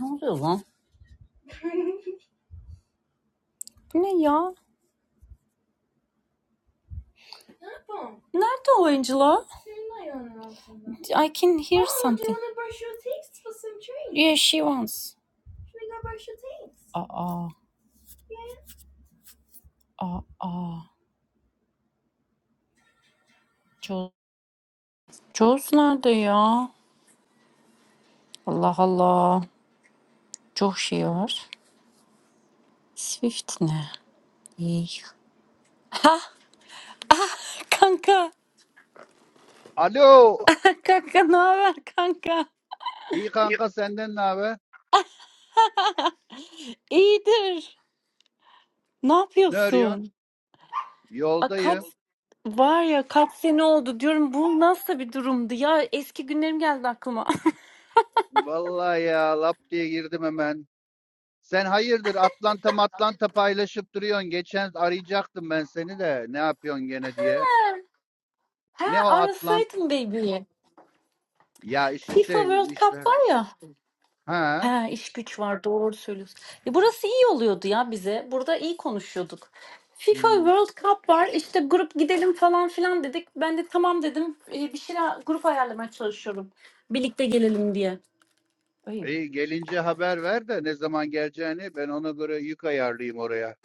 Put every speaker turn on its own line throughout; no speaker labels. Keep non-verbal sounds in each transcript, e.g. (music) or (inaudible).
Ne oluyor lan? Ne ya? Nerede o Angela? I can hear oh, something. Do you want to brush your teeth for some treats? Yeah, she wants. Aa, aa, aa. Joz, Joz nerede ya? Allah Allah. Çok şey var. Swift ne? İyi. Ha, ah, kanka.
Alo.
Kanka ne haber kanka?
İyi kanka senden ne haber?
(laughs) İyidir. Ne
Ne arıyorsun?
yapıyorsun? A, kaç
Yoldayım.
var ya kaç sene oldu diyorum bu nasıl bir durumdu ya eski günlerim geldi aklıma.
Vallahi ya lap diye girdim hemen. Sen hayırdır Atlanta Atlanta paylaşıp duruyorsun. Geçen arayacaktım ben seni de ne yapıyorsun gene diye.
(laughs) He
Ne o Atlant?
arasaydım baby'yi.
Ya işte
FIFA World
şey
Cup
işler.
var ya.
Ha?
He iş güç var doğru söylüyorsun. E, burası iyi oluyordu ya bize. Burada iyi konuşuyorduk. FIFA
Hmm.
World Cup var işte grup gidelim falan filan dedik. Ben de tamam dedim E, bir şeyler grup ayarlamaya çalışıyorum. Birlikte gelelim diye. Ay.
İyi gelince haber ver de ne zaman geleceğini ben ona göre yük ayarlayayım oraya.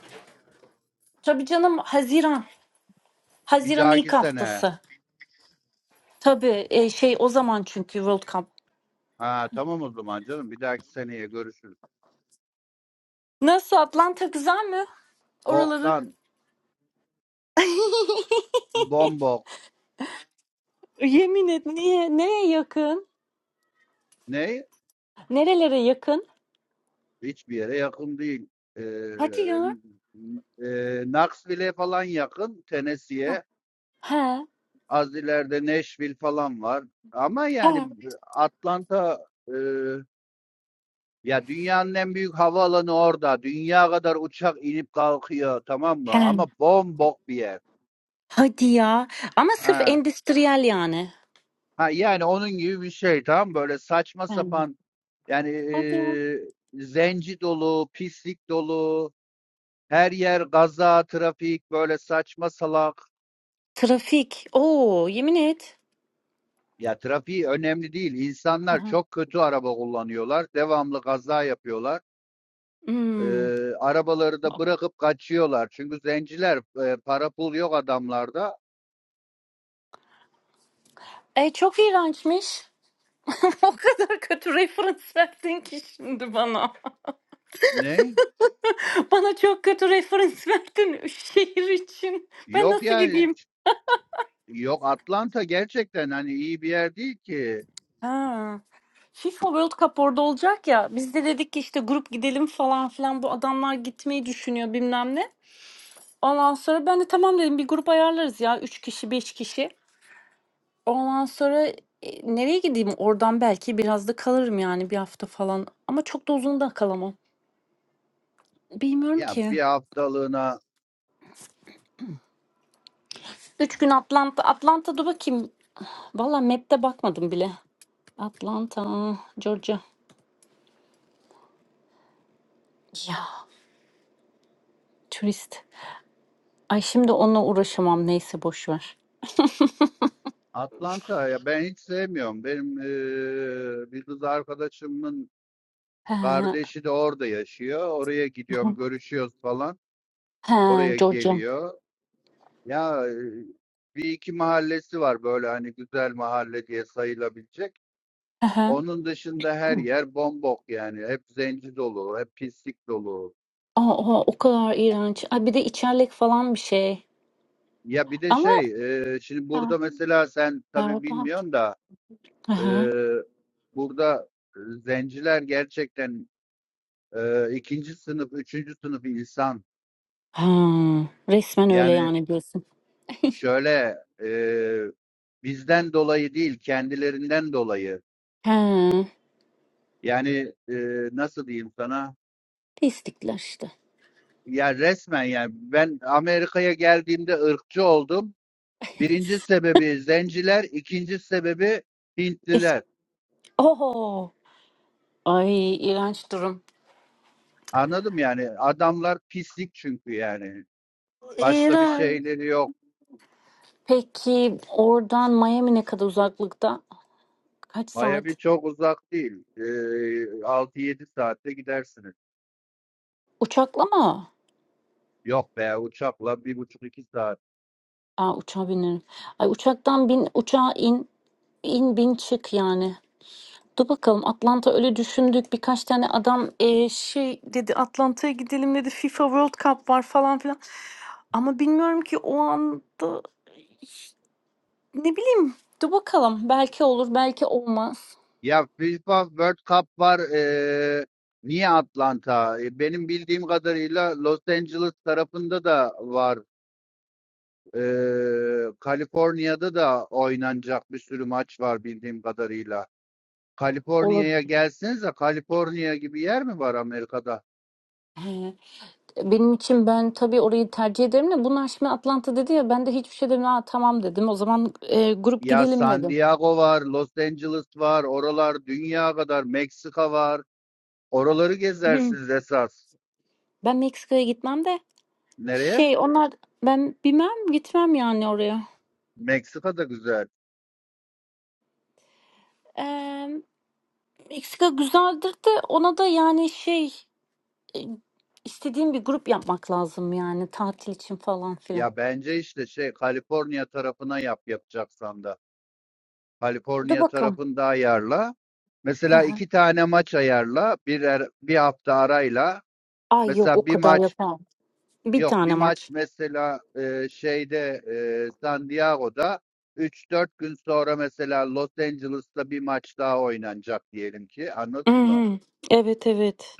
Tabii canım Haziran.
Bir
Haziran'ın ilk
dahaki sene.
haftası. Tabii e, şey o zaman çünkü World Cup.
Ha tamam o zaman canım bir dahaki seneye görüşürüz.
Nasıl Atlanta güzel mi? Oraları.
Boktan
(laughs)
bombok.
Yemin et niye? Neye yakın?
Ne?
Nerelere yakın?
Hiçbir yere yakın değil. Ee,
Hadi ya.
e, Knoxville'e falan yakın,
He.
Tennessee'ye.
He.
Az ileride Nashville falan var. Ama yani Atlanta e, ya dünyanın en büyük havaalanı orada. Dünya kadar uçak inip kalkıyor tamam mı?
He.
Ama bombok bir yer.
Hadi ya. Ama sırf
Ha,
endüstriyel yani.
ha yani onun gibi bir şey tamam mı? Böyle saçma
He.
sapan yani e,
Hadi ya.
zenci dolu, pislik dolu, Her yer gaza, trafik, böyle saçma salak.
Trafik. Oo, yemin et.
Ya trafiği önemli değil. İnsanlar
Aha.
çok kötü araba kullanıyorlar. Devamlı gaza yapıyorlar. Ee,
Hmm.
arabaları da bırakıp kaçıyorlar. Çünkü zenciler e, para pul yok adamlarda.
E, çok iğrençmiş. (laughs) o kadar kötü referans verdin ki şimdi bana.
Ne?
(laughs) Bana çok kötü referans verdin şehir için. Ben
Yok
nasıl
yani.
gideyim?
Yok Atlanta gerçekten hani iyi bir yer değil ki.
Ha. FIFA World Cup orada olacak ya. Biz de dedik ki işte grup gidelim falan filan. Bu adamlar gitmeyi düşünüyor bilmem ne. Ondan sonra ben de tamam dedim bir grup ayarlarız ya 3 kişi 5 kişi. Ondan sonra, eee, nereye gideyim oradan belki biraz da kalırım yani bir hafta falan ama çok da uzun da kalamam. Bilmiyorum
Ya
ki.
bir haftalığına
3 gün Atlanta. Atlanta'da bakayım. Valla map'te bakmadım bile. Atlanta, Georgia. Ya turist. Ay şimdi onunla uğraşamam neyse boş ver.
Atlanta ya ben hiç sevmiyorum. Benim eee, bir kız arkadaşımın
He,
Kardeşi de orada yaşıyor. Oraya gidiyorum,
(laughs)
görüşüyoruz falan.
he
Oraya
Georgia.
geliyor. Ya e, bir iki mahallesi var böyle hani güzel mahalle diye sayılabilecek.
Hı hı.
Onun dışında her yer bombok yani. Hep zenci dolu, hep pislik dolu.
Aa, o kadar iğrenç. Ay bir de içerlik falan bir şey.
Ya bir de
Ama
şey, e, şimdi
ha,
burada mesela sen tabii
berbat.
bilmiyorsun da
Hı
e, burada zenciler gerçekten e, ikinci sınıf, üçüncü sınıf insan.
Ha, resmen öyle
Yani
yani diyorsun.
şöyle e, bizden dolayı değil kendilerinden dolayı
He,
yani e, nasıl diyeyim sana
pislikler işte.
ya resmen yani ben Amerika'ya geldiğimde ırkçı oldum. Birinci sebebi zenciler, ikinci sebebi
Es
Hintliler.
Oho. Ay iğrenç durum.
Anladım yani adamlar pislik çünkü yani. Başka bir
İğrenç.
şeyleri yok.
Peki oradan Miami ne kadar uzaklıkta? Kaç
Miami
saat?
çok uzak değil. E, 6-7 saatte gidersiniz.
Uçakla mı?
Yok be uçakla bir buçuk iki saat.
Aa uçağa binerim. Ay uçaktan bin, uçağa in, in bin çık yani. Dur bakalım Atlanta öyle düşündük. Birkaç tane adam e, şey dedi Atlanta'ya gidelim dedi. FIFA World Cup var falan filan. Ama bilmiyorum ki o anda Ne bileyim. Dur bakalım. Belki olur, belki olmaz.
Ya FIFA World Cup var. eee, niye Atlanta? E, Benim bildiğim kadarıyla Los Angeles tarafında da var. Eee Kaliforniya'da da oynanacak bir sürü maç var bildiğim kadarıyla.
Olur.
Kaliforniya'ya gelsenize. Kaliforniya gibi yer mi var Amerika'da?
He. Benim için ben tabii orayı tercih ederim de bunlar şimdi Atlanta dedi ya ben de hiçbir şey demedim. Aa, tamam dedim. O zaman e, grup
Ya
gidelim
San
dedim.
Diego var, Los Angeles var, oralar dünya kadar, Meksika var. Oraları
Hı.
gezersiniz esas.
Ben Meksika'ya gitmem de
Nereye?
şey onlar ben bilmem gitmem yani oraya.
Meksika da güzel.
Ee, Meksika güzeldir de ona da yani şey e, istediğim bir grup yapmak lazım yani tatil için falan filan.
Ya bence işte şey Kaliforniya tarafına yap yapacaksan da.
Dur
Kaliforniya
bakalım.
tarafında ayarla.
Hı
Mesela
hı.
iki tane maç ayarla. Bir, er- bir hafta arayla.
Ay yok
Mesela
o
bir
kadar
maç
yapamam. Bir
yok
tane
bir
maç.
maç mesela e, şeyde e, San Diego'da üç dört gün sonra mesela Los Angeles'ta bir maç daha oynanacak diyelim ki.
Hı
Anladın mı?
hı. Evet evet.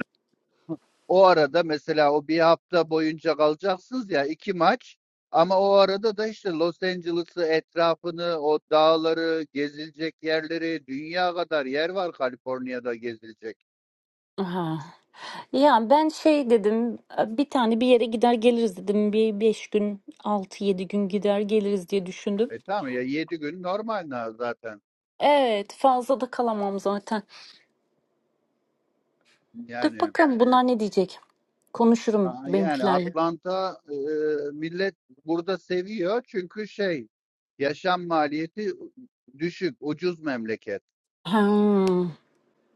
O arada mesela o bir hafta boyunca kalacaksınız ya iki maç ama o arada da işte Los Angeles'ı etrafını o dağları gezilecek yerleri dünya kadar yer var Kaliforniya'da gezilecek.
Aha. Ya ben şey dedim bir tane bir yere gider geliriz dedim. Bir 5 gün altı yedi gün gider geliriz diye düşündüm.
E tamam ya yedi gün normal na- zaten
Evet fazla da kalamam zaten. Dur
yani
bakalım bunlar ne diyecek. Konuşurum
a- yani
benimkilerle.
Atlanta e, millet burada seviyor çünkü şey yaşam maliyeti düşük ucuz memleket.
Hmm.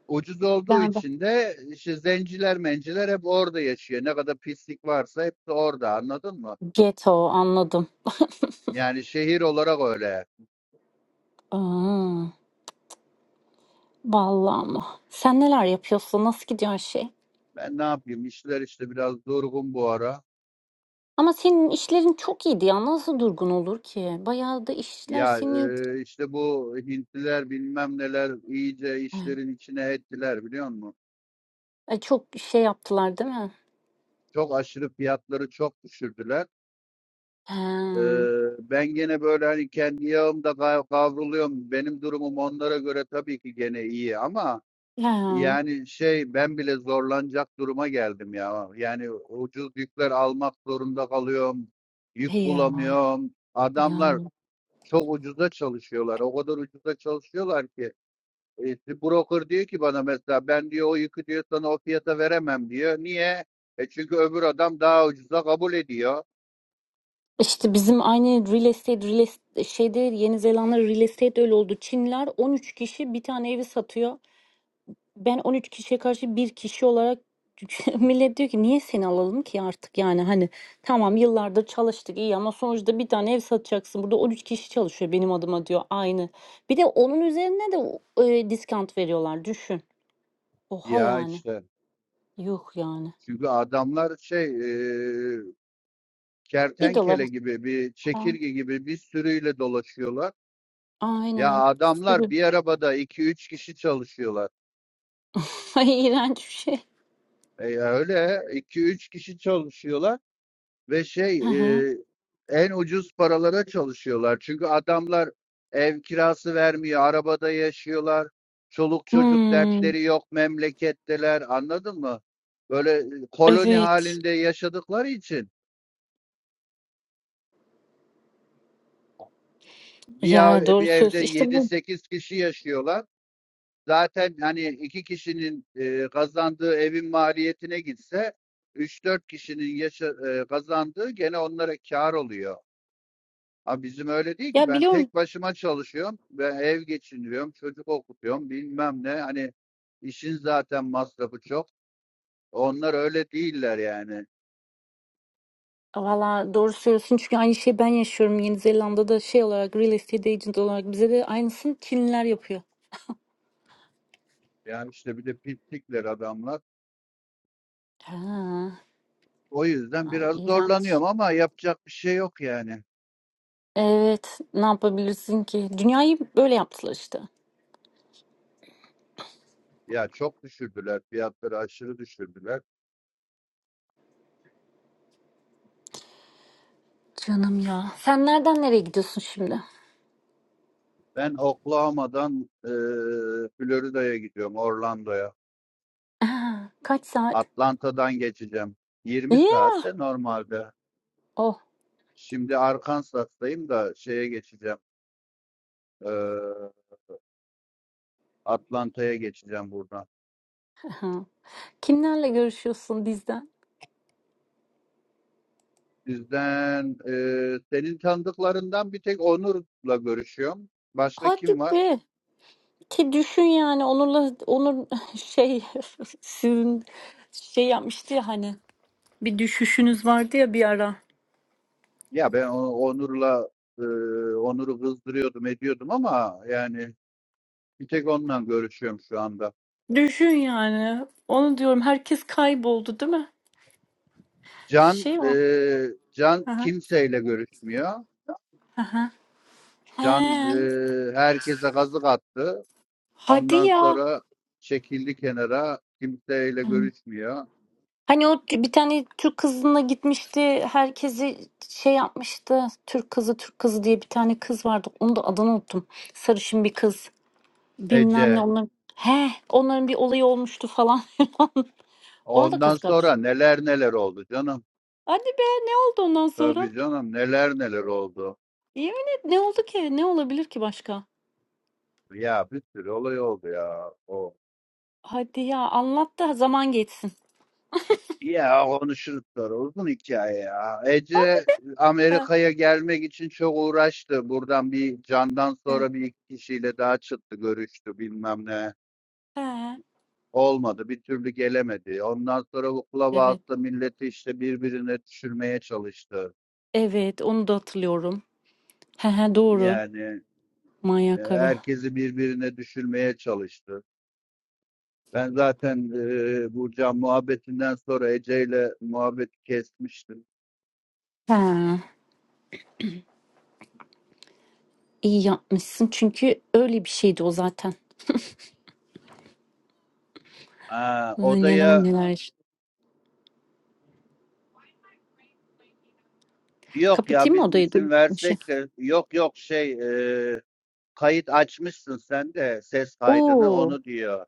Ucuz olduğu
Ben de.
için de işte zenciler menciler hep orada yaşıyor. Ne kadar pislik varsa hepsi orada anladın mı?
Geto anladım.
Yani şehir olarak öyle.
Aa. Vallahi ama. Sen neler yapıyorsun? Nasıl gidiyor her şey?
Ben ne yapayım işler işte biraz durgun bu ara.
Ama senin işlerin çok iyiydi ya. Nasıl durgun olur ki? Bayağı da işler
Ya
seni
e, işte bu Hintliler bilmem neler iyice işlerin içine ettiler biliyor musun?
Ay çok şey yaptılar değil mi?
Çok aşırı fiyatları çok düşürdüler.
Ha
E, ben gene böyle hani kendi yağımda kav- kavruluyorum. Benim durumum onlara göre tabii ki gene iyi ama
Ya.
Yani şey ben bile zorlanacak duruma geldim ya. Yani ucuz yükler almak zorunda kalıyorum.
He
Yük
ya. Ya.
bulamıyorum. Adamlar
yani.
çok ucuza çalışıyorlar. O kadar ucuza çalışıyorlar ki. E, işte, broker diyor ki bana mesela ben diyor o yükü diyor sana o fiyata veremem diyor. Niye? E çünkü öbür adam daha ucuza kabul ediyor.
İşte bizim aynı real estate, real estate şeyde Yeni Zelanda real estate öyle oldu. Çinler 13 kişi bir tane evi satıyor. Ben 13 kişiye karşı bir kişi olarak (laughs) millet diyor ki niye seni alalım ki artık yani hani tamam yıllardır çalıştık iyi ama sonuçta bir tane ev satacaksın. Burada 13 kişi çalışıyor benim adıma diyor aynı. Bir de onun üzerine de e, diskant veriyorlar düşün. Oha
Ya
yani.
işte.
Yuh yani.
Çünkü adamlar şey e,
bir dolar
kertenkele gibi bir
A-
çekirge gibi bir sürüyle dolaşıyorlar. Ya
Aynen.
adamlar
Sürü.
bir arabada iki üç kişi çalışıyorlar.
(laughs) Ay iğrenç bir şey.
E, ya öyle 2-3 kişi çalışıyorlar ve şey
Hı hı.
e, en ucuz paralara çalışıyorlar. Çünkü adamlar ev kirası vermiyor, arabada yaşıyorlar. Çoluk çocuk
Hmm,
dertleri yok memleketteler. Anladın mı? Böyle e, koloni
evet.
halinde yaşadıkları için bir,
Ya
ev-
doğru
bir evde
söylüyorsun. İşte
yedi
bu.
sekiz kişi yaşıyorlar. Zaten hani iki kişinin e, kazandığı evin maliyetine gitse üç dört kişinin yaşa, e, kazandığı gene onlara kar oluyor. Ama bizim öyle değil ki
Ya
ben
biliyorum.
tek başıma çalışıyorum ve ev geçindiriyorum, çocuk okutuyorum bilmem ne. Hani işin zaten masrafı çok. Onlar öyle değiller yani.
Valla doğru söylüyorsun çünkü aynı şeyi ben yaşıyorum. Yeni Zelanda'da şey olarak real estate agent olarak bize de aynısını Çinliler yapıyor.
Yani işte bir de pislikler adamlar.
Ha,
O yüzden
ay
biraz
iğrenç.
zorlanıyorum ama yapacak bir şey yok yani.
Evet, ne yapabilirsin ki? Dünyayı böyle yaptılar işte.
Ya çok düşürdüler fiyatları aşırı düşürdüler.
Canım ya. Sen nereden nereye gidiyorsun şimdi?
Ben Oklahoma'dan eee Florida'ya gidiyorum, Orlando'ya.
Aa, kaç saat?
Atlanta'dan geçeceğim. 20
Yeah.
saatte normalde.
Oh.
Şimdi Arkansas'tayım da şeye geçeceğim. eee, Atlanta'ya geçeceğim buradan.
aha. Kimlerle görüşüyorsun bizden?
Sizden eee, senin tanıdıklarından bir tek Onur'la görüşüyorum. Başka
Hadi
kim var?
be. Ki düşün yani Onur'la Onur (laughs) şey (laughs) sizin şey yapmıştı ya hani bir düşüşünüz vardı ya bir ara.
Ya ben o- Onur'la eee, Onur'u kızdırıyordum, ediyordum ama yani bir tek onunla görüşüyorum şu anda.
Düşün yani. Onu diyorum herkes kayboldu değil mi?
Can
Şey o.
eee, Can
Hı hı.
kimseyle görüşmüyor.
Hı hı.
Can
He.
eee, herkese kazık attı.
Hadi
Ondan
ya.
sonra çekildi kenara. Kimseyle görüşmüyor.
Hani o bir tane Türk kızına gitmişti. Herkesi şey yapmıştı. Türk kızı, Türk kızı diye bir tane kız vardı. Onu da adını unuttum. Sarışın bir kız. Bilmem ne
Ece.
onların he, onların bir olayı olmuştu falan (laughs) Ona da
Ondan
kazık atmış.
sonra neler neler oldu canım.
Hadi be ne oldu ondan sonra?
Tabii canım neler neler oldu.
Yemin et ne oldu ki? Ne olabilir ki başka?
Ya bir sürü olay oldu ya. O.
Hadi ya anlat da zaman geçsin.
Ya konuşuruz sonra uzun hikaye ya.
Hadi.
Ece
he,
Amerika'ya gelmek için çok uğraştı. Buradan bir Can'dan
evet.
sonra bir iki kişiyle daha çıktı görüştü bilmem ne.
He.
Olmadı. Bir türlü gelemedi. Ondan sonra bu
Evet.
Clubhouse'da milleti işte birbirine düşürmeye çalıştı.
Evet onu da hatırlıyorum. He he doğru.
Yani e,
Manyak karı.
herkesi birbirine düşürmeye çalıştı. Ben zaten e, Burcan muhabbetinden sonra Ece ile muhabbeti kesmiştim.
He. iyi yapmışsın çünkü öyle bir şeydi o zaten.
Aa,
Ay, Neler
odaya
neler. işte.
yok ya
Kapatayım mı
biz
odayı? Dur,
isim
bir şey.
versek de yok yok şey e, kayıt açmışsın sen de ses kaydını
Oo,
onu diyor.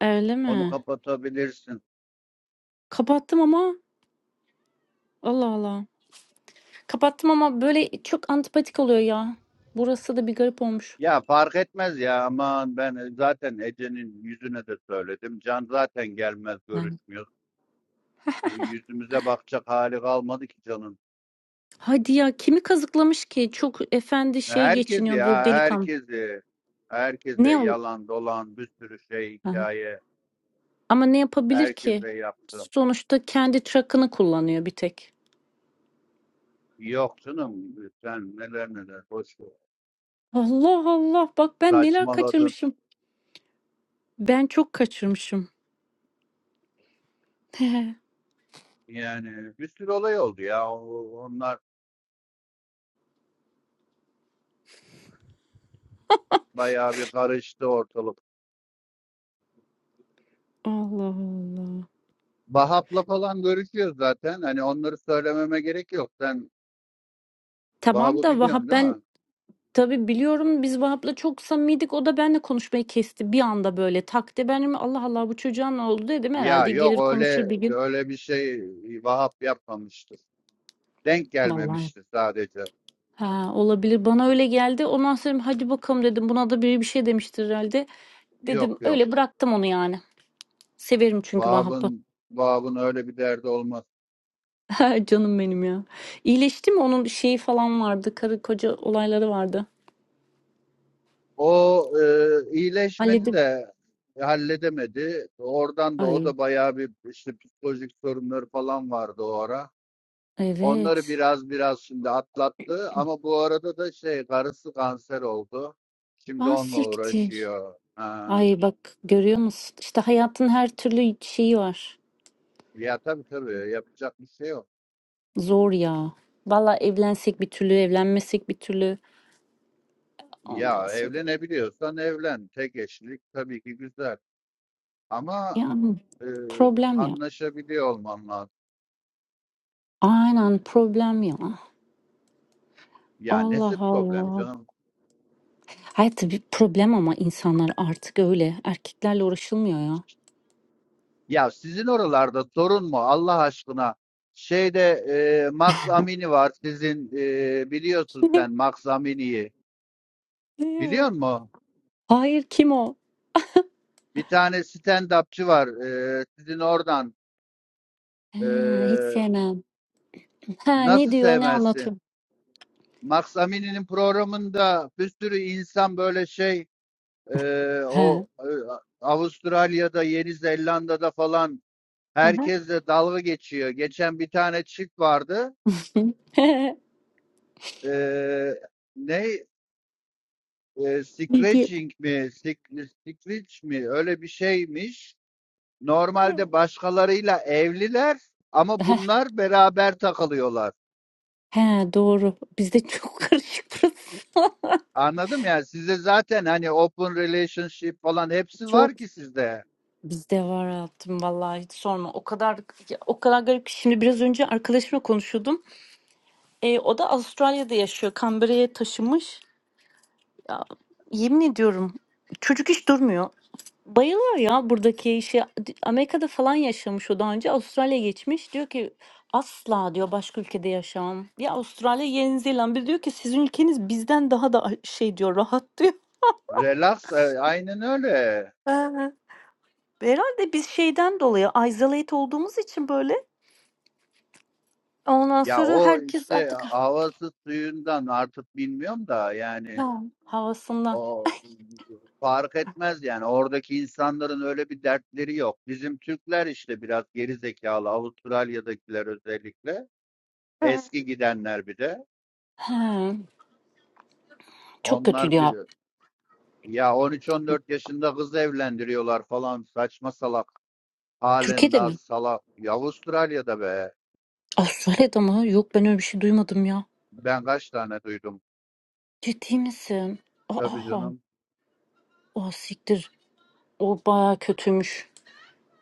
öyle
Onu
mi?
kapatabilirsin
Kapattım ama Allah Allah. Kapattım ama böyle çok antipatik oluyor ya. Burası da bir garip olmuş.
Ya fark etmez ya aman ben e, zaten Ece'nin yüzüne de söyledim. Can zaten gelmez
Ben.
görüşmüyor. Yüzümüze bakacak hali kalmadı ki Can'ın.
Hadi ya kimi kazıklamış ki? Çok efendi
E,
şey
Herkes
geçiniyor
ya
bu delikanlı.
herkesi. Herkese
Ne o?
yalan dolan bir sürü şey
Aha.
hikaye.
Ama ne yapabilir ki?
Herkese yaptım.
Sonuçta kendi truck'ını kullanıyor bir tek.
Yok canım sen neler neler boş ver.
Allah Allah bak ben neler
Saçmaladın.
kaçırmışım. Ben çok kaçırmışım. (laughs)
Yani bir sürü olay oldu ya. O- Onlar bayağı bir karıştı ortalık.
Allah Allah.
Vahap'la falan görüşüyor zaten. Hani onları söylememe gerek yok. Sen
Tamam
Vahap'ı
da
biliyorsun
Vahap
değil
ben
mi?
Tabii biliyorum biz Vahap'la çok samimiydik. O da benimle konuşmayı kesti bir anda böyle takti. Ben dedim, Allah Allah bu çocuğa ne oldu dedim.
Ya
Herhalde
yok
gelir
öyle
konuşur bir gün.
öyle bir şey Vahap yapmamıştır. Denk
Vallahi
gelmemiştir sadece.
ha, olabilir bana öyle geldi. Ondan sonra dedim, hadi bakalım dedim. Buna da biri bir şey demiştir herhalde.
Yok
Dedim
yok.
öyle bıraktım onu yani. Severim çünkü Vahap'ı.
Vahap'ın Vahap'ın öyle bir derdi olmaz.
(laughs) Canım benim ya. İyileşti mi? Onun şeyi falan vardı. Karı koca olayları vardı.
O e, iyileşmedi
Halledip.
de halledemedi. Oradan da o
Ay
da bayağı bir işte psikolojik sorunları falan vardı o ara. Onları
evet.
biraz biraz şimdi atlattı ama bu arada da şey karısı kanser oldu. Şimdi
Ah
onunla
siktir.
uğraşıyor. Ha.
Ay bak görüyor musun? İşte hayatın her türlü şeyi var.
Ya tabii tabii yapacak bir şey yok.
Zor ya. Valla evlensek bir türlü, evlenmesek bir türlü. Ondan
Ya
sonra
evlenebiliyorsan evlen. Tek eşlilik tabii ki güzel. Ama
yani
e,
problem ya.
anlaşabiliyor olman lazım.
Aynen problem ya.
Ya
Allah
nesi problem
Allah.
canım?
Hayır tabii problem ama insanlar artık öyle. Erkeklerle uğraşılmıyor ya.
Ya sizin oralarda sorun mu Allah aşkına? Şeyde e, Max Amini var sizin e, biliyorsun
(laughs)
sen Max Amini'yi.
Ne o?
Biliyor musun?
Hayır kim o?
Bir tane stand-upçı var e, sizin oradan.
He,
E,
hiç sevmem. Ha, ne
nasıl
diyor ne anlatıyor?
sevmezsin? Max Amini'nin programında bir sürü insan böyle şey Eee,
Ha.
o e, Avustralya'da, Yeni Zelanda'da falan
Aha.
herkesle dalga geçiyor. Geçen bir tane çift vardı.
(laughs)
Eee, ne? Eee,
Ne diyor?
scratching mi? Sik- Scratch mi? Öyle bir şeymiş. Normalde başkalarıyla evliler ama
(laughs)
bunlar beraber takılıyorlar.
Ha, doğru. Bizde çok karışık burası.
Anladım yani size zaten hani open relationship falan
(laughs)
hepsi
Çok
var ki sizde.
Bizde var hayatım vallahi hiç sorma. O kadar ya, o kadar garip ki şimdi biraz önce arkadaşımla konuşuyordum. E, o da Avustralya'da yaşıyor. Canberra'ya taşımış. Ya, yemin ediyorum çocuk hiç durmuyor. Bayılıyor ya buradaki işe. Amerika'da falan yaşamış o daha önce. Avustralya'ya geçmiş. Diyor ki asla diyor başka ülkede yaşamam. Ya Avustralya, Yeni Zelanda diyor ki sizin ülkeniz bizden daha da şey diyor rahat diyor.
Relax, e, aynen öyle.
(laughs) Ee, Herhalde biz şeyden dolayı isolate olduğumuz için böyle Ondan
Ya
sonra
o
herkes
işte
artık
havası suyundan artık bilmiyorum da yani
ha, havasından.
o fark etmez yani oradaki insanların öyle bir dertleri yok. Bizim Türkler işte biraz geri zekalı Avustralya'dakiler özellikle eski gidenler bir de
He, çok kötüydü
onlar bir
ya.
ya 13-14 yaşında kız evlendiriyorlar falan saçma salak halen
Türkiye'de
daha
mi?
salak. Ya Avustralya'da be
Avustralya'da mı? Yok ben öyle bir şey duymadım ya.
ben kaç tane duydum
Ciddi misin?
tabii
Aa,
canım.
o siktir. O baya kötüymüş.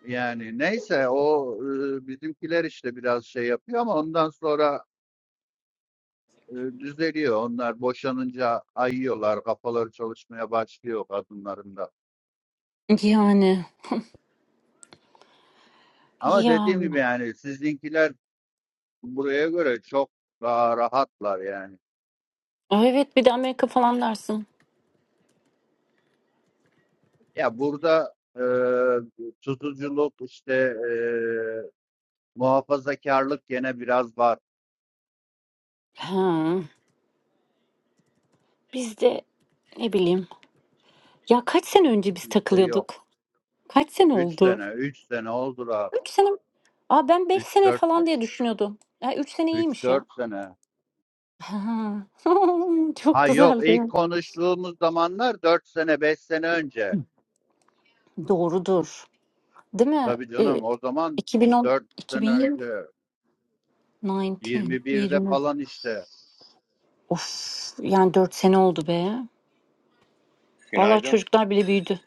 Yani neyse o e, bizimkiler işte biraz şey yapıyor ama ondan sonra e, düzeliyor. Onlar boşanınca ayıyorlar, kafaları çalışmaya başlıyor kadınların da.
Yani.
Ama
Ya.
dediğim gibi yani sizinkiler buraya göre çok daha rahatlar yani.
Aa, Evet bir de Amerika falan dersin.
Ya burada e, tutuculuk işte e, muhafazakarlık gene biraz var.
Ha, biz de ne bileyim. Ya kaç sene önce biz
Bizde yok.
takılıyorduk? Kaç sene
Üç
oldu?
sene, üç sene oldular.
Üç sene. Aa ben beş
Üç
sene
dört
falan
sene,
diye düşünüyordum. Ya üç sene
üç
iyiymiş ya.
dört sene.
Ha, (laughs) Çok
Ha yok
güzel. (clears throat) değil
ilk
mi?
konuştuğumuz zamanlar 4 sene 5 sene önce.
Doğrudur. Değil mi?
Tabii
E,
canım o zaman
2010,
4 sene
2020,
önce
19,
yirmi birde
20.
falan işte.
Of, yani dört sene oldu be. Vallahi
Günaydın.
çocuklar bile büyüdü.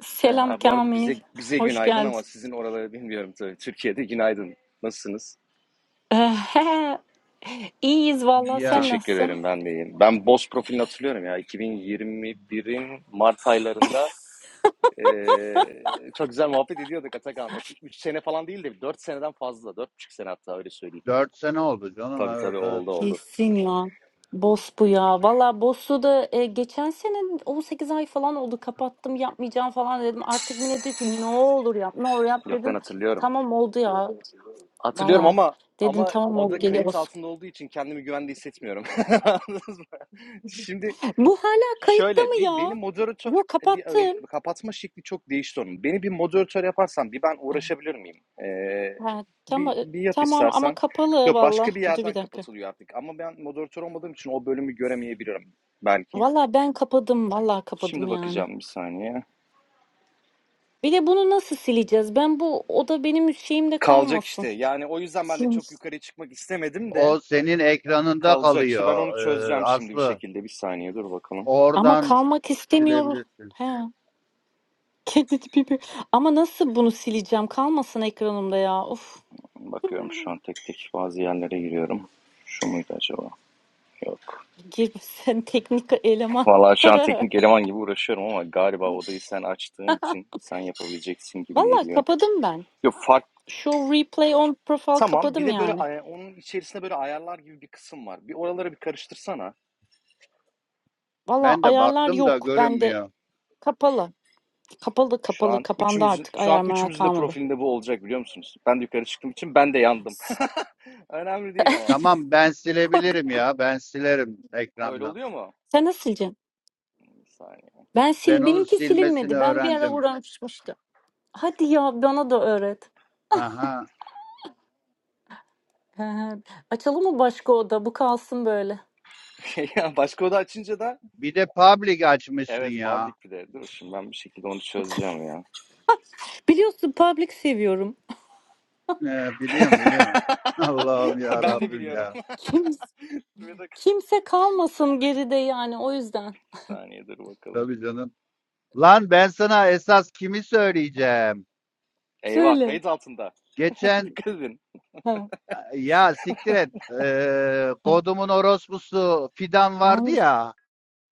Selam
Ha, bu arada
Kamil.
bize bize
Hoş
günaydın ama
geldin.
sizin oraları bilmiyorum tabii. Türkiye'de günaydın. Nasılsınız?
(laughs) Ehe, İyiyiz valla sen
Ya
Teşekkür
nasılsın?
ederim ben de iyiyim. Ben Boz profilini hatırlıyorum ya. 2021'in Mart aylarında eee, çok güzel muhabbet ediyorduk Atakan. 3 sene falan değil de 4 seneden fazla. dört buçuk sene hatta öyle söyleyeyim.
4 sene oldu canım
Tabii
evet.
tabii
evet.
oldu oldu.
Kesin ya. Boss bu ya. Valla Boss'u da e, geçen sene 18 ay falan oldu kapattım yapmayacağım falan dedim. Artık Mine diyor ki ne olur yap ne olur yap
Yok ben
dedim.
hatırlıyorum.
Tamam oldu ya.
Hatırlıyorum
Valla.
ama
Dedim
ama
tamam
o da
oldu
kayıt
geliyoruz.
altında olduğu için kendimi güvende hissetmiyorum. (laughs) Anladınız mı? Şimdi
Bu hala kayıtta mı
Şöyle bir beni
ya?
moderatör
Yok
e, bir e,
kapattım.
kapatma şekli çok değişti onun. Beni bir moderatör yaparsan bir ben uğraşabilir miyim? Ee,
Ha,
bir,
tamam, e,
bir yap
tamam ama
istersen.
kapalı
Yok
valla.
başka bir
Dur bir
yerden
dakika.
kapatılıyor artık. Ama ben moderatör olmadığım için o bölümü göremeyebilirim belki.
Valla ben kapadım. Valla kapadım
Şimdi
yani.
bakacağım bir saniye.
Bir de bunu nasıl sileceğiz? Ben bu oda benim şeyimde
Kalacak
kalmasın.
işte. Yani o yüzden ben de
Silmiş.
çok yukarı çıkmak istemedim de
O senin ekranında
kalacak. İşte ben onu
kalıyor e,
çözeceğim şimdi bir
Aslı.
şekilde. Bir saniye dur bakalım.
Ama
Oradan
kalmak istemiyorum.
silebilirsin.
He. Kendi tipimi. Ama nasıl bunu sileceğim? Kalmasın ekranımda ya. Of.
Bakıyorum şu an
(laughs)
tek tek bazı yerlere giriyorum. Şu muydu acaba? Yok.
Gir sen teknik eleman.
Valla şu an teknik
(laughs)
eleman gibi uğraşıyorum ama galiba odayı sen açtığın için sen yapabileceksin gibi
Valla
geliyor.
kapadım ben.
Yok fark
Show replay on profile
tamam bir
kapadım
de böyle
yani.
ay- onun içerisinde böyle ayarlar gibi bir kısım var. Bir oraları bir karıştırsana.
Valla
Ben de
ayarlar
baktım da
yok. Bende
görünmüyor.
kapalı. Kapalı
Şu
kapalı
an
kapandı
üçümüzün
artık.
şu
Ayar
an
meğer
üçümüzün de
kalmadı.
profilinde bu olacak biliyor musunuz? Ben de yukarı çıktığım için ben de yandım. (laughs) Önemli değil ama.
Tamam ben
Kork.
silebilirim ya ben silerim
Ha öyle
ekrandan.
oluyor mu?
Sen nasıl sileceksin?
Bir saniye.
Ben sil
Ben onu
benimki
silmesini
silinmedi. Ben bir ara
öğrendim.
uğraşmıştım. Hadi ya bana da öğret.
Aha.
He he. Açalım mı başka oda? Bu kalsın böyle.
(laughs) ya başka oda açınca da
Bir de public açmışsın
evet
ya
public bir de. Dur şimdi ben bir şekilde onu çözeceğim ya.
Biliyorsun public seviyorum.
He, biliyorum biliyorum. (laughs) Allah'ım
(laughs)
ya
ben de
Rabbim
biliyorum.
ya.
Kim,
(laughs) bir dakika.
kimse kalmasın geride yani o yüzden.
Bir saniye dur bakalım.
Tabii canım. Lan ben sana esas kimi söyleyeceğim?
Eyvah
Söyle.
kayıt altında. (laughs)
Geçen
Dikkat edin.
Ha,
ya siktir et. Ee,
ha.
kodumun orospusu Fidan vardı
Hangisi?
ya.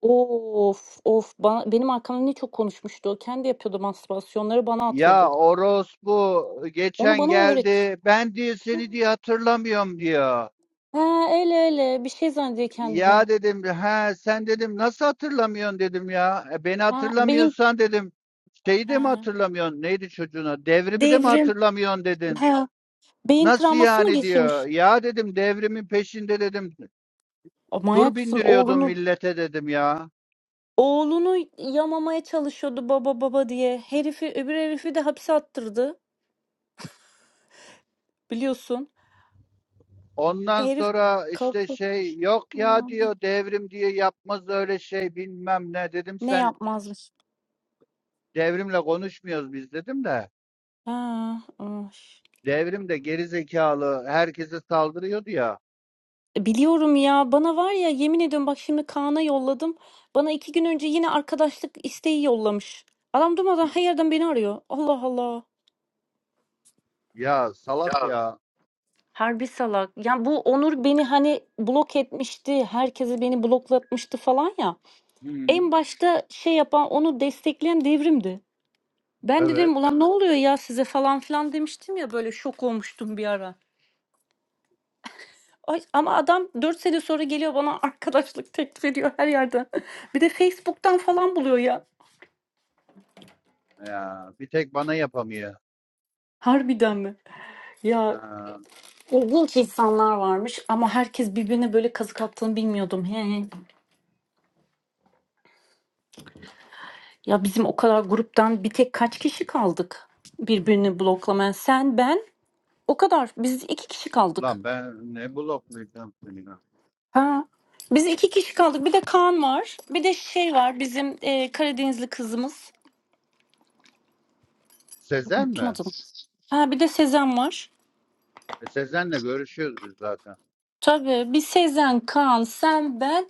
Of, of. Bana, benim arkamdan ne çok konuşmuştu o. Kendi yapıyordu mastürbasyonları bana
Ya
atıyordu.
orospu
Onu
geçen
bana o öğretmişti.
geldi. Ben diye seni diye hatırlamıyorum diyor.
Ha, öyle öyle. Bir şey zannediyor kendini.
Ya dedim he sen dedim nasıl hatırlamıyorsun dedim ya. E, beni
Ha, beyin
hatırlamıyorsan dedim şeyi de mi
ha,
hatırlamıyorsun? Neydi çocuğuna? Devrimi de mi
devrim.
hatırlamıyorsun dedin?
Ha, beyin
Nasıl
travması mı
yani diyor.
geçirmiş?
Ya dedim devrimin peşinde dedim.
O, manyak
Tur
mısın?
bindiriyordum
Oğlunu
millete dedim ya.
oğlunu yamamaya çalışıyordu baba baba diye. Herifi öbür herifi de hapse attırdı. Biliyorsun.
Ondan
Herif
sonra işte
kalktı.
şey yok ya diyor devrim diye yapmaz öyle şey bilmem ne dedim
Ne
sen
yapmazmış?
devrimle konuşmuyoruz biz dedim de
Ha, ay.
devrim de geri zekalı herkese saldırıyordu ya.
Biliyorum ya bana var ya yemin ediyorum bak şimdi Kaan'a yolladım. Bana iki gün önce yine arkadaşlık isteği yollamış. Adam durmadan her yerden beni arıyor. Allah Allah.
Ya salak ya.
Harbi salak. Ya bu Onur beni hani blok etmişti. Herkesi beni bloklatmıştı falan ya.
Hı,
En başta şey yapan onu destekleyen devrimdi. Ben de
evet.
dedim ulan ne oluyor ya size falan filan demiştim ya böyle şok olmuştum bir ara. Ay, ama adam 4 sene sonra geliyor bana (laughs) arkadaşlık teklif ediyor her yerden. (laughs) Bir de Facebook'tan falan buluyor ya.
Ya bir tek bana yapamıyor.
Harbiden mi? Ya
Ha,
ilginç insanlar varmış ama herkes birbirine böyle kazık attığını bilmiyordum. He he. Ya bizim o kadar gruptan bir tek kaç kişi kaldık? Birbirini bloklamayan sen, ben o kadar. Biz iki kişi kaldık.
lan ben ne bloklayacağım seni lan.
Ha. Biz iki kişi kaldık. Bir de Kaan var. Bir de şey var bizim e, Karadenizli kızımız.
Sezen
Unuttum
mi?
adını. Ha bir de Sezen var.
E, Sezen'le görüşüyoruz biz zaten.
Tabii bir Sezen, Kaan, sen, ben.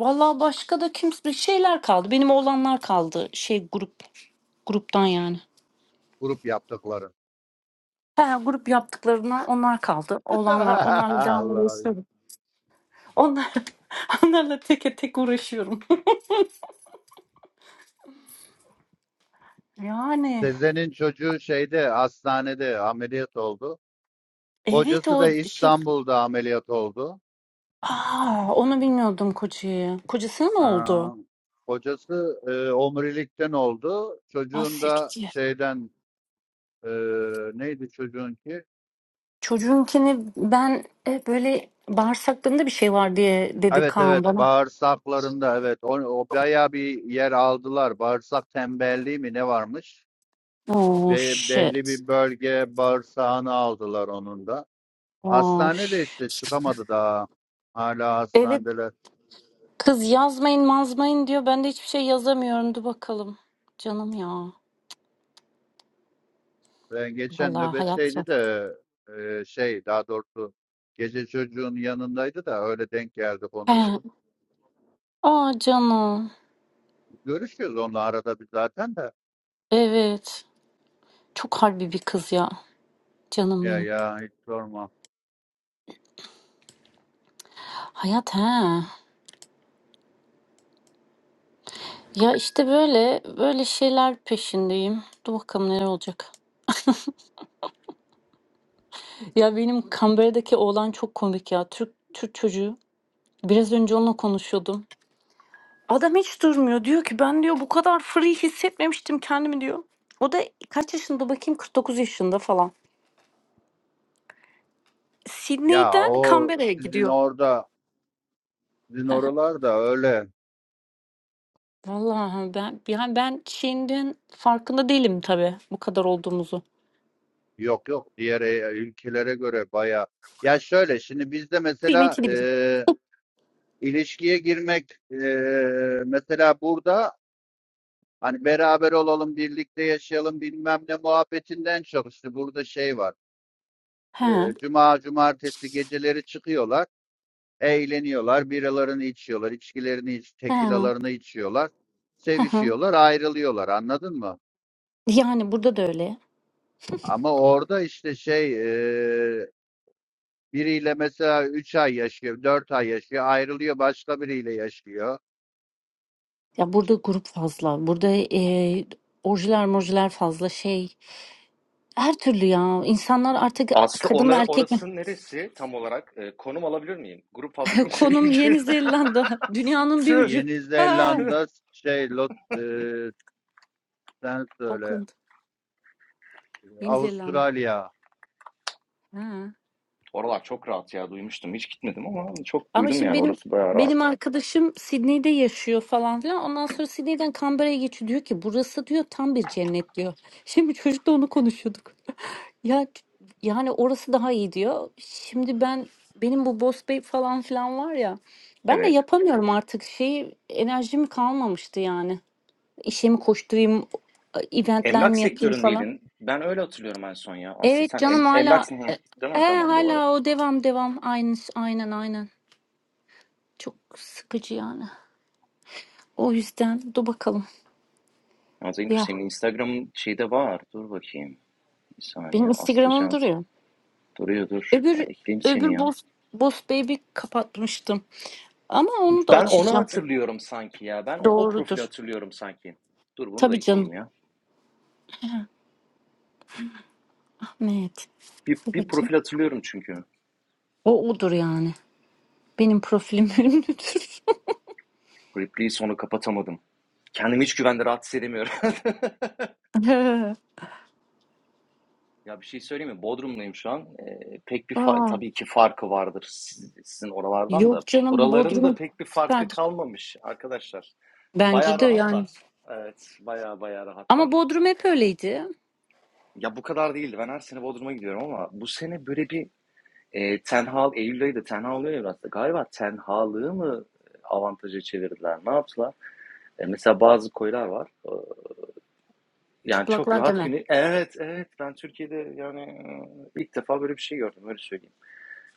Vallahi başka da kimse şeyler kaldı. Benim oğlanlar kaldı şey grup gruptan yani.
Grup yaptıkların.
He, grup yaptıklarına onlar kaldı. Olanlar.
(laughs)
Onlarla devam
Allah'ım.
uğraşıyorum. Onlar, (laughs) onlarla teke tek uğraşıyorum. (laughs) Yani
Sezen'in çocuğu şeyde hastanede ameliyat oldu.
evet
Kocası
o
da
şey...
İstanbul'da ameliyat oldu.
Aa, onu bilmiyordum kocayı. Kocasına ne oldu?
Aa, kocası e, omurilikten oldu.
Ah
Çocuğun da
siktir.
şeyden e, neydi çocuğun ki?
Çocuğunkini ben e, böyle bağırsaklarında bir şey var diye dedi
Evet
Kaan
evet
bana.
bağırsaklarında evet o, o bayağı bir yer aldılar. Bağırsak tembelliği mi ne varmış?
Oh
Be- belli
shit.
bir bölge bağırsağını aldılar onun da.
Oh
Hastane de işte
shit.
çıkamadı daha. Hala
Evet
hastanedeler.
kız yazmayın mazmayın diyor. Ben de hiçbir şey yazamıyorum. Dur bakalım. Canım ya.
Ben geçen
Vallahi hayat zor.
nöbetteydi de e, şey daha doğrusu gece çocuğun yanındaydı da öyle denk geldi
He,
konuştuk.
Aa canım.
Görüşüyoruz onunla arada bir zaten de.
Evet. Çok harbi bir kız ya. Canım
Ya
benim.
ya hiç sorma.
Hayat he. Ya işte böyle böyle şeyler peşindeyim. Dur bakalım neler olacak. Ya benim Canberra'daki oğlan çok komik ya. Türk Türk çocuğu. Biraz önce onunla konuşuyordum. Adam hiç durmuyor. Diyor ki ben diyor bu kadar free hissetmemiştim kendimi diyor. O da kaç yaşında bakayım 49 yaşında falan.
Ya
Sydney'den
o
Canberra'ya
sizin
gidiyor.
orada sizin oralarda öyle
Vallahi ben yani ben Çin'den farkında değilim tabii bu kadar olduğumuzu.
yok yok diğer e- ülkelere göre baya. Ya şöyle şimdi bizde mesela
kıymetini bilin.
e, ilişkiye girmek e, mesela burada Hani beraber olalım, birlikte yaşayalım bilmem ne muhabbetinden çok işte burada şey var.
He,
E, Cuma, cumartesi geceleri çıkıyorlar, eğleniyorlar, biralarını içiyorlar, içkilerini, iç,
he,
tekilalarını içiyorlar,
he, he.
sevişiyorlar, ayrılıyorlar anladın mı?
Yani burada da öyle.
Ama orada işte şey e, biriyle mesela 3 ay yaşıyor, 4 ay yaşıyor, ayrılıyor başka biriyle yaşıyor.
Ya burada grup fazla. Burada e, orjiler morjiler fazla şey. Her türlü ya. İnsanlar artık
Aslı
kadın
ona,
mı erkek mi?
orası neresi tam olarak? Ee, konum alabilir miyim? Grup fazla
(laughs)
deyince
Konum
ilgimi.
Yeni Zelanda.
(laughs)
Dünyanın bir
tüh
ucu. (laughs)
Yeni
Ha,
tüh.
Zelanda şey Lot, e, sen söyle
Auckland. Yeni Zelanda.
Avustralya
Ha.
Oralar çok rahat ya duymuştum. Hiç gitmedim ama çok
Ama
duydum
şimdi
yani
benim
orası bayağı
benim
rahat.
arkadaşım Sydney'de yaşıyor falan filan. Ondan sonra Sydney'den Canberra'ya geçiyor. Diyor ki burası diyor tam bir cennet diyor. Şimdi çocukla onu konuşuyorduk. Ya, ç yani, orası daha iyi diyor. Şimdi ben benim bu Boss Bosbey falan filan var ya, ben de
Evet.
yapamıyorum artık şeyi, enerjim kalmamıştı yani. İşe mi koşturayım, event'ler
Emlak
mi yapayım falan.
sektöründeydin. Ben öyle hatırlıyorum en son ya Aslı.
Evet
Sen em,
canım hala
emlaksın hı.
e
değil
he,
mi? Tamam doğru.
hâlâ o devam devam. Aynı aynen, aynen. Çok sıkıcı yani. O yüzden dur bakalım.
Ama Zengur
Ya,
senin Instagram'ın şeyde var. Dur bakayım. Bir
benim
saniye
Instagram'ım
Aslıcan.
duruyor.
Duruyor dur. Ben
Öbür
ekleyeyim seni
öbür
ya.
Boss Boss Baby kapatmıştım ama onu da
Ben onu
açacağım.
hatırlıyorum sanki ya. Ben o, o profili
Doğrudur.
hatırlıyorum sanki. Dur bunu da
Tabii canım.
ekleyeyim ya.
Ha, Ahmet.
Bir,
Dur
bir
bakayım.
profil hatırlıyorum çünkü.
O odur yani. Benim profilim (laughs) ünlüdür.
Ripley'i sonu kapatamadım. Kendimi hiç güvende rahat hissedemiyorum.
(laughs)
(laughs) ya bir şey söyleyeyim mi? Bodrum'dayım şu an. Ee, pek bir fa-
Aa,
tabii ki farkı vardır siz- sizin oralardan
yok
da.
canım
Buraların da
Bodrum
pek bir farkı
süperdir.
kalmamış arkadaşlar.
Bence
Bayağı
de yani.
rahatlar. Evet, bayağı bayağı
Ama
rahatlar.
Bodrum hep öyleydi.
Ya bu kadar değildi. Ben her sene Bodrum'a gidiyorum ama bu sene böyle bir E, Ten Hag, Eylül ayı da Ten Hag oluyor ya biraz da. Galiba Ten Hag'lığı mı avantaja çevirdiler? Ne yaptılar? E, mesela bazı koylar var. E, yani çok
Çıplaklar
rahat
deme.
günü. Evet, evet. Ben Türkiye'de yani e, ilk defa böyle bir şey gördüm. Öyle söyleyeyim.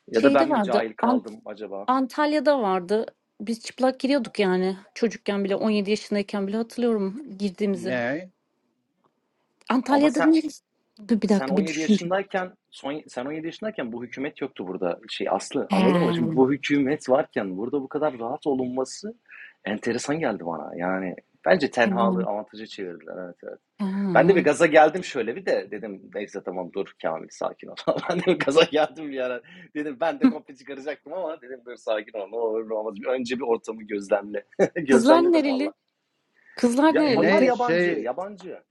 Ya da
Şeyde
ben mi
vardı.
cahil
An-
kaldım acaba?
Antalya'da vardı. Biz çıplak giriyorduk yani. Çocukken bile 17 yaşındayken bile hatırlıyorum girdiğimizi.
ne?
Ama
Antalya'da
sen
neresi? Dur bir
sen
dakika bir
17
düşüneceğim.
yaşındayken son sen 17 yaşındayken bu hükümet yoktu burada. Şey Aslı
He,
anladın mı? Şimdi bu hükümet varken burada bu kadar rahat olunması enteresan geldi bana. Yani bence tenhalığı
tamam.
avantaja çevirdiler. Evet,
Ha.
Ben de bir gaza geldim şöyle bir de dedim neyse tamam dur Kamil sakin ol. (laughs) ben de bir gaza geldim bir ara. Dedim ben de komple çıkaracaktım ama dedim dur sakin ol ne olur ne olmaz. Bir Önce bir ortamı gözlemle. (laughs)
Kızlar
Gözlemledim valla.
nereli? Kızlar
Ya
E
onlar
ne
nereliydi?
yabancı
şey
yabancı.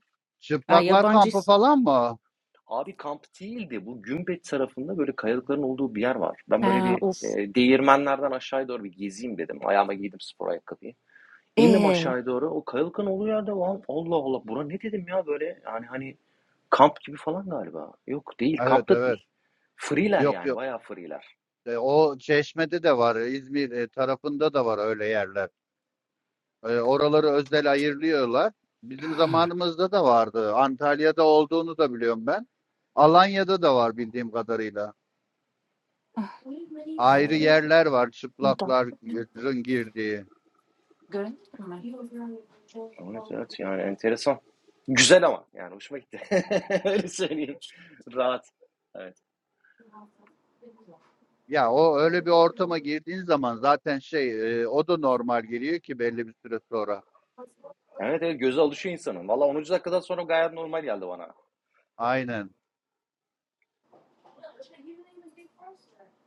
Ha,
çıplaklar
yabancı
kampı falan mı?
Abi kamp değildi. Bu Gümbet tarafında böyle kayalıkların olduğu bir yer var. Ben böyle
Aa,
bir
of.
e, değirmenlerden aşağıya doğru bir gezeyim dedim. Ayağıma giydim spor ayakkabıyı. İndim
Ee,
aşağıya doğru. O kayalıkın olduğu yerde lan Allah Allah bura ne dedim ya böyle yani hani kamp gibi falan galiba. Yok değil
Evet
kampta
evet.
değil. Free'ler
Yok
yani
yok.
bayağı free'ler.
E, o Çeşme'de de var. İzmir e, tarafında da var öyle yerler. E, oraları özel ayırıyorlar. Bizim zamanımızda da vardı. Antalya'da olduğunu da biliyorum ben. Alanya'da da var bildiğim kadarıyla.
ah,
Ayrı
Umarım-
yerler var
Burada.
çıplakların girdiği.
Göremiyorum mi? Yok,
Evet evet yani enteresan. Güzel ama yani hoşuma gitti. (laughs) Öyle söyleyeyim. Rahat. Evet.
Ya o öyle bir ortama girdiğin zaman zaten şey e, o da normal geliyor ki belli bir süre sonra.
Evet evet göze alışıyor insanın. Valla 10. dakikadan sonra gayet normal geldi bana.
Aynen.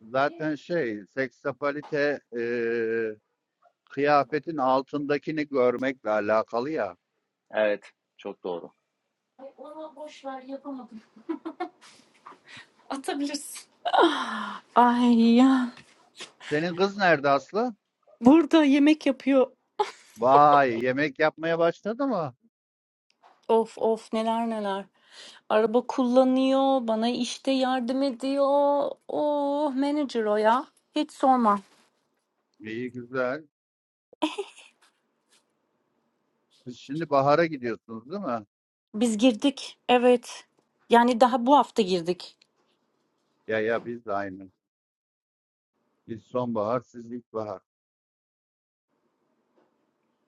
Zaten şey, seksapalite eee, kıyafetin altındakini görmekle alakalı ya.
Evet çok doğru.
onu boş ver yapamadım. Atabilirsin. Ah, Ay ya.
Senin kız nerede Aslı?
Burada yemek yapıyor.
Vay, yemek yapmaya başladı mı?
Of of neler neler. Araba kullanıyor, bana işte yardım ediyor. Oh manager o ya. Hiç sorma.
İyi güzel. Siz şimdi bahara gidiyorsunuz değil mi?
Biz girdik. Evet. Yani daha bu hafta girdik.
Ya ya biz de aynı. Biz sonbahar, siz ilkbahar.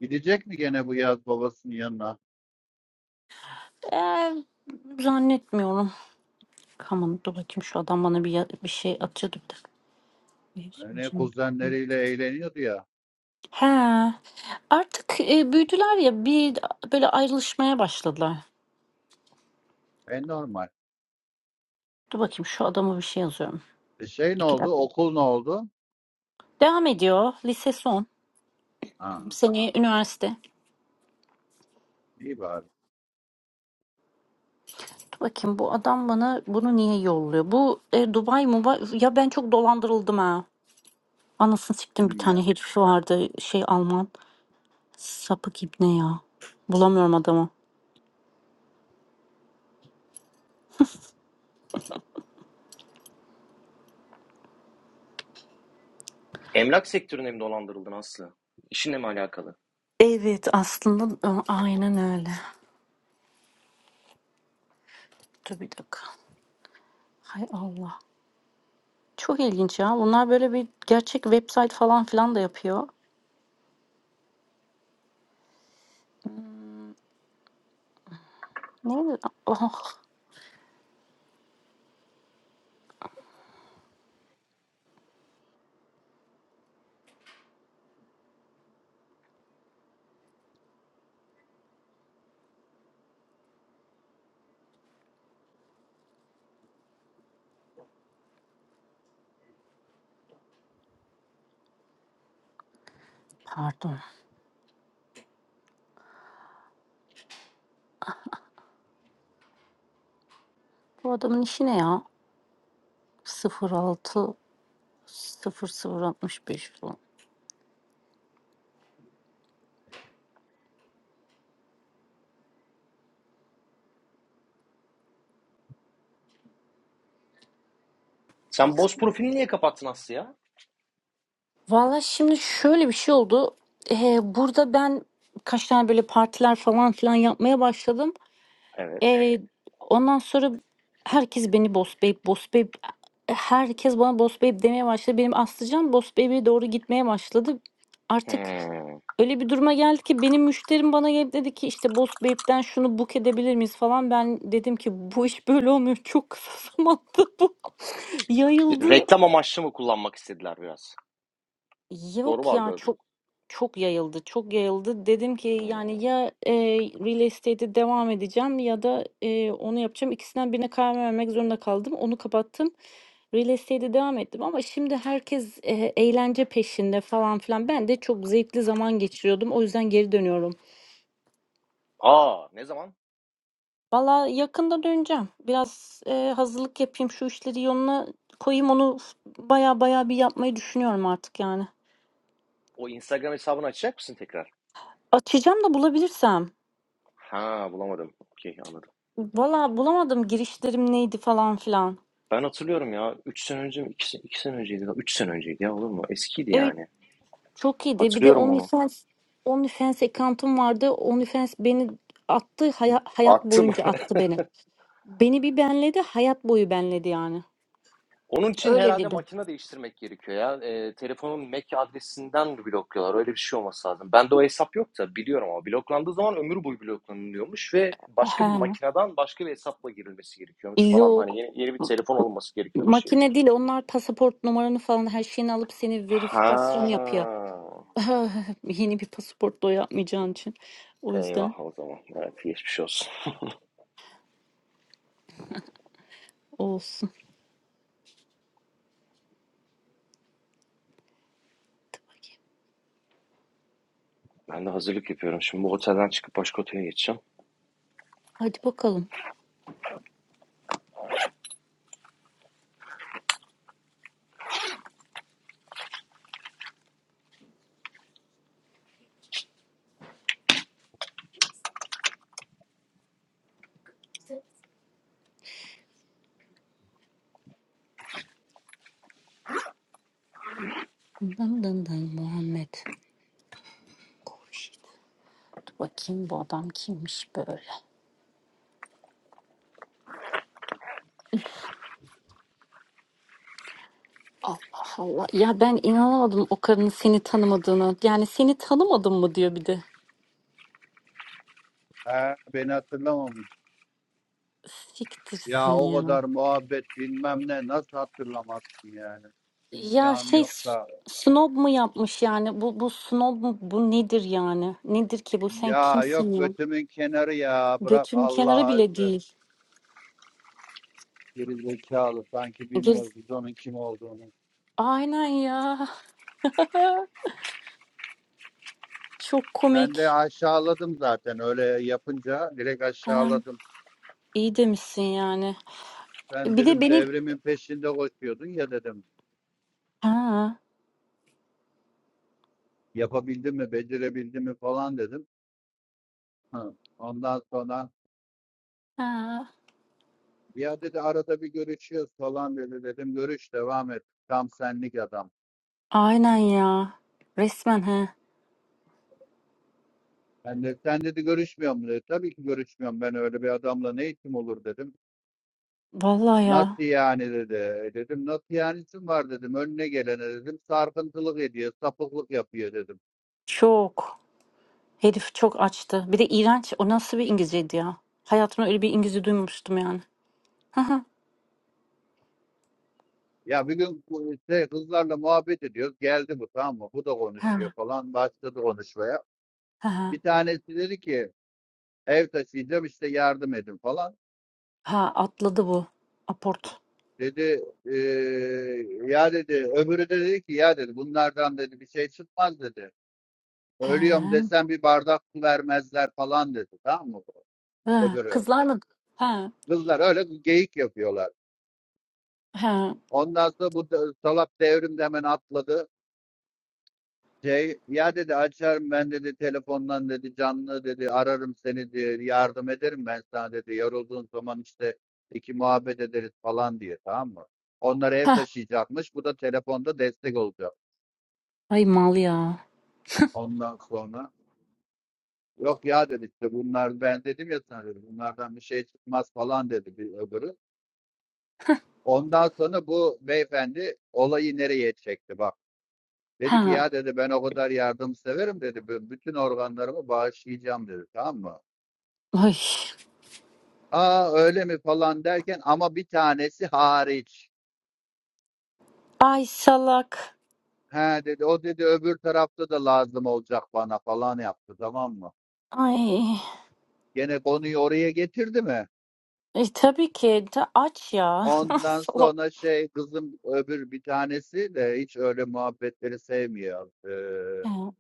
Gidecek mi gene bu yaz babasının yanına?
Ee, zannetmiyorum. Aman dur bakayım şu adam bana bir, ya- bir şey atıyordu bir dakika. Bir-
Hani
şimdi-
kuzenleriyle eğleniyordu ya.
He. Artık, eee, büyüdüler ya, bir böyle ayrılışmaya başladılar.
E normal.
Dur bakayım şu adama bir şey yazıyorum.
E şey ne
2
oldu?
dakika.
Okul ne oldu?
Devam ediyor. Lise son.
Ha,
Seneye üniversite.
iyi bari.
Dur bakayım bu adam bana bunu niye yolluyor? Bu e, Dubai Muba ya ben çok dolandırıldım ha. Anasını siktim
Yine
bir
mi
tane
ya?
herif vardı şey Alman. Sapık ibne ya. Bulamıyorum adamı.
Emlak sektörüne mi dolandırıldın Aslı? İşinle mi alakalı?
Evet aslında a- aynen öyle. Dur bir dakika. Hay Allah. Çok ilginç ya. Bunlar böyle bir gerçek website falan filan da yapıyor. Hımm, neydi? Ah, pardon. Bu adamın işi ne ya? 06 0065 falan.
Sen
Eksi
boz profilini niye kapattın Aslı ya?
Vallahi şimdi şöyle bir şey oldu. Eee, burada ben kaç tane böyle partiler falan filan yapmaya başladım.
Evet.
Eee, ondan sonra herkes beni boss babe, boss babe herkes bana boss babe demeye başladı. Benim Aslıcan boss babe'e doğru gitmeye başladı. Artık
Hmm.
öyle bir duruma geldi ki benim müşterim bana gelip dedi ki işte boss babe'den şunu book edebilir miyiz falan. Ben dedim ki bu iş böyle olmuyor. Çok kısa (laughs) zamanda bu (laughs) yayıldı.
Reklam amaçlı mı kullanmak istediler biraz? Doğru mu
Yok ya
algıladım?
çok çok yayıldı. Çok yayıldı. Dedim ki
Hmm.
yani ya e, real estate'e devam edeceğim ya da e, onu yapacağım. İkisinden birine karar vermek zorunda kaldım. Onu kapattım. Real estate'e devam ettim ama şimdi herkes e, eğlence peşinde falan filan. Ben de çok zevkli zaman geçiriyordum. O yüzden geri dönüyorum.
Aa ne zaman?
Valla yakında döneceğim. Biraz e, hazırlık yapayım. Şu işleri yoluna koyayım. Onu baya baya bir yapmayı düşünüyorum artık yani.
O Instagram hesabını açacak mısın tekrar?
Açacağım da bulabilirsem.
Ha bulamadım. Okey anladım.
Valla bulamadım girişlerim neydi falan filan.
Ben hatırlıyorum ya. 3 sene önce mi? 2 sene, iki sene önceydi. 3 sene önceydi ya olur mu? Eskiydi
Evet
yani.
çok iyiydi. Bir de
Hatırlıyorum onu.
OnlyFans, OnlyFans account'um vardı. OnlyFans beni attı. haya- hayat
Attım.
boyunca attı beni. Beni bir benledi. Hayat boyu benledi yani.
Onun için
Öyle
herhalde
dedi.
makine değiştirmek gerekiyor ya. Eee, telefonun MAC adresinden blokluyorlar. Öyle bir şey olması lazım. Bende o hesap yok da biliyorum ama bloklandığı zaman ömür boyu bloklanılıyormuş ve başka bir
Aha.
makineden başka bir hesapla girilmesi gerekiyormuş falan. Hani
Yok.
yeni, yeni bir telefon alınması gerekiyormuş diye
Makine
duydum.
değil. Onlar pasaport numaranı falan her şeyini alıp seni verifikasyon yapıyor.
Ha.
(laughs) Yeni bir pasaport da o yapmayacağın için. O yüzden
Eyvah o zaman. Evet geçmiş olsun.
o olsun. Hadi bakayım.
Ben de hazırlık yapıyorum. Şimdi bu otelden çıkıp başka otele geçeceğim.
Hadi bakalım. Dın dın dın Muhammed. Bakayım bu adam kimmiş böyle. Allah Allah. Ya ben inanamadım o karının seni tanımadığına. Yani seni tanımadım mı diyor bir de.
Ha, beni hatırlamamış. Ya
Siktirsin
o
ya.
kadar muhabbet bilmem ne nasıl hatırlamazsın yani.
Ya
İmkanı
şey
yok
s-
da.
snob mu yapmış yani? Bu bu snob mu? Bu nedir yani? Nedir ki bu? Sen
Ya
kimsin
yok
ya?
götümün kenarı ya. Bırak
Götünün kenarı
Allah'a
bile
söz.
değil.
Geri zekalı sanki
Geriz-
bilmiyoruz biz onun kim olduğunu.
Aynen ya. (laughs) Çok
Ben de
komik.
aşağıladım zaten öyle yapınca direkt
Ha,
aşağıladım.
iyi demişsin yani.
Ben
Bir de
dedim
benim...
devrimin peşinde koşuyordun ya dedim.
Ha,
Yapabildin mi, becerebildin mi falan dedim. Hı. Ondan sonra
ha.
ya dedi arada bir görüşüyoruz falan dedi dedim. Görüş devam et. Tam senlik adam.
Aynen ya. Resmen he.
Ben de, sen dedi görüşmüyor mu dedi. Tabii ki görüşmüyorum ben öyle bir adamla ne işim olur dedim.
Vallahi ya.
Nasıl yani dedi. E Dedim nasıl yani işim var dedim. Önüne gelene dedim. Sarkıntılık ediyor, sapıklık yapıyor dedim.
Çok. Herif çok açtı. Bir de iğrenç. O nasıl bir İngilizceydi ya? Hayatımda öyle bir İngilizce duymamıştım yani. Ha ha.
Ya bir gün bu işte kızlarla muhabbet ediyoruz. Geldi bu tamam mı? Bu da konuşuyor
Ha
falan. Başladı konuşmaya.
ha.
Bir tanesi dedi ki ev taşıyacağım işte yardım edin falan.
Ha atladı bu. Aport.
Dedi eee, ya dedi öbürü de dedi ki ya dedi bunlardan dedi bir şey çıkmaz dedi.
He.
Ölüyorum desen bir bardak su vermezler falan dedi. Tamam mı?
Ha.
Öbürü.
Kızlar mı? Ha.
Kızlar öyle geyik yapıyorlar.
Ha.
Ondan sonra bu de- salak devrim de hemen atladı. Şey, ya dedi açarım ben dedi telefondan dedi canlı dedi ararım seni diye yardım ederim ben sana dedi. Yorulduğun zaman işte iki muhabbet ederiz falan diye tamam mı? Onlar ev
Ha.
taşıyacakmış. Bu da telefonda destek olacak.
Ay mal ya.
Ondan sonra yok ya dedi işte bunlar ben dedim ya sana dedi bunlardan bir şey çıkmaz falan dedi bir öbürü. Ondan sonra bu beyefendi olayı nereye çekti bak. Dedi ki
Ha.
ya dedi ben o kadar yardımseverim dedi. "bü- Bütün organlarımı bağışlayacağım dedi tamam mı?
Ay.
Aa öyle mi falan derken ama bir tanesi hariç.
Ay salak.
He dedi o dedi öbür tarafta da lazım olacak bana falan yaptı tamam mı?
Ay.
Gene konuyu oraya getirdi mi?
E, tabii ki. Ta- aç ya. (laughs)
Ondan
salak.
sonra şey kızım öbür bir tanesi de hiç öyle muhabbetleri sevmiyor. Ee,
Ha.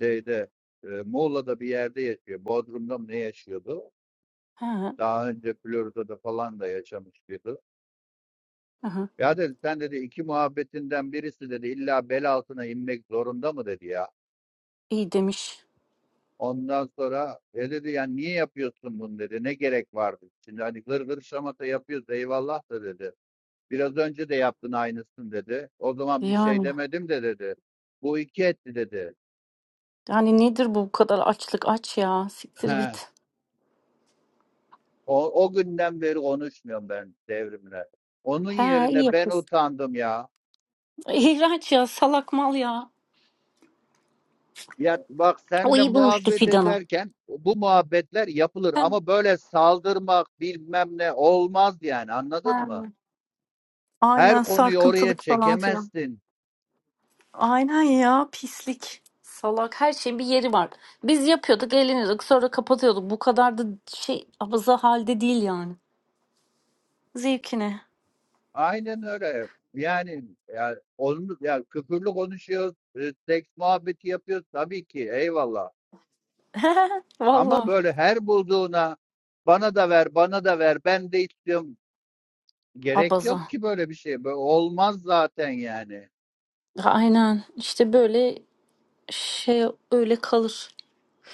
şeyde, eee, Muğla'da bir yerde yaşıyor. Bodrum'da mı ne yaşıyordu?
Ha.
Daha önce Florida'da falan da yaşamış biri.
Aha.
Ya dedi sen dedi iki muhabbetinden birisi dedi illa bel altına inmek zorunda mı dedi ya.
İyi demiş.
Ondan sonra e dedi yani niye yapıyorsun bunu dedi. Ne gerek vardı? Şimdi hani gır gır şamata yapıyoruz eyvallah da dedi. Biraz önce de yaptın aynısını dedi. O zaman bir şey
Yani.
demedim de dedi. Bu iki etti dedi.
Yani nedir bu kadar açlık? Aç ya. Siktir
He,
git.
O, o günden beri konuşmuyorum ben devrimle. Onun
He iyi
yerine ben
yapıyorsun.
utandım ya.
İğrenç ya. Salak mal ya.
Ya bak
O
senle
iyi bulmuştu
muhabbet
fidanı.
ederken bu muhabbetler yapılır
Hem-
ama böyle saldırmak bilmem ne olmaz yani anladın mı?
hem.
Her
Aynen
konuyu oraya
sarkıntılık falan filan.
çekemezsin.
Aynen ya pislik. Salak her şeyin bir yeri var. Biz yapıyorduk eğleniyorduk sonra kapatıyorduk. Bu kadar da şey abaza halde değil yani. Zevkine.
Aynen öyle. Yani ya onu ya küfürlü konuşuyoruz, e, seks muhabbeti yapıyoruz tabii ki eyvallah.
(laughs)
Ama
Valla
böyle her bulduğuna bana da ver, bana da ver, ben de istiyorum. Gerek
abaza.
yok ki böyle bir şey. Böyle olmaz zaten yani.
Aynen işte böyle şey öyle kalır.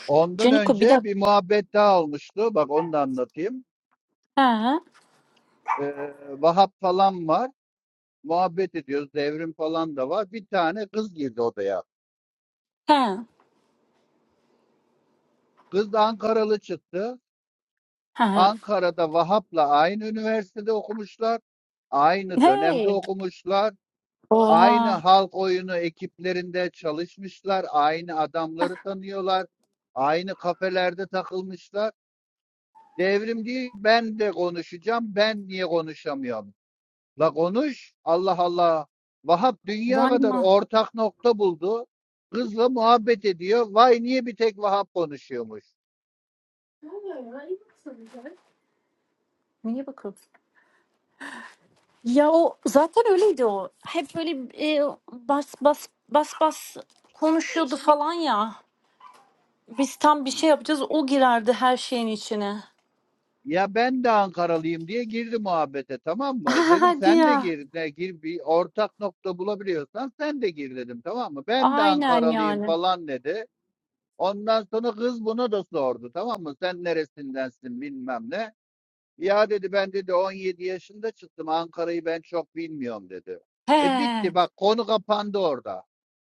Ondan
Caniko bir
önce
dakika.
bir muhabbet daha olmuştu. Bak onu da anlatayım.
He
Ee, Vahap falan var. Muhabbet ediyoruz. Devrim falan da var. Bir tane kız girdi odaya.
he.
Kız da Ankaralı çıktı.
He.
Ankara'da Vahap'la aynı üniversitede okumuşlar. Aynı dönemde
Hey!
okumuşlar. Aynı
Oha!
halk oyunu ekiplerinde çalışmışlar. Aynı adamları tanıyorlar. Aynı kafelerde takılmışlar. Devrim değil ben de konuşacağım. Ben niye konuşamıyorum? La konuş. Allah Allah. Vahap dünya kadar
Bayma.
ortak nokta buldu. Kızla muhabbet ediyor. Vay niye bir tek Vahap konuşuyormuş?
Niye bakıyorsun? Ya o zaten öyleydi o. Hep böyle e, bas bas bas bas konuşuyordu falan ya. Biz tam bir şey yapacağız o girerdi her şeyin içine.
Ya ben de Ankaralıyım diye girdi muhabbete tamam
(laughs)
mı? Dedim
Hadi
sen de
ya.
gir, ne, gir bir ortak nokta bulabiliyorsan sen de gir dedim tamam mı? Ben de
Aynen
Ankaralıyım
yani.
falan dedi. Ondan sonra kız buna da sordu tamam mı? Sen neresindensin bilmem ne. Ya dedi ben dedi 17 yaşında çıktım Ankara'yı ben çok bilmiyorum dedi. E
He.
bitti bak konu kapandı orada.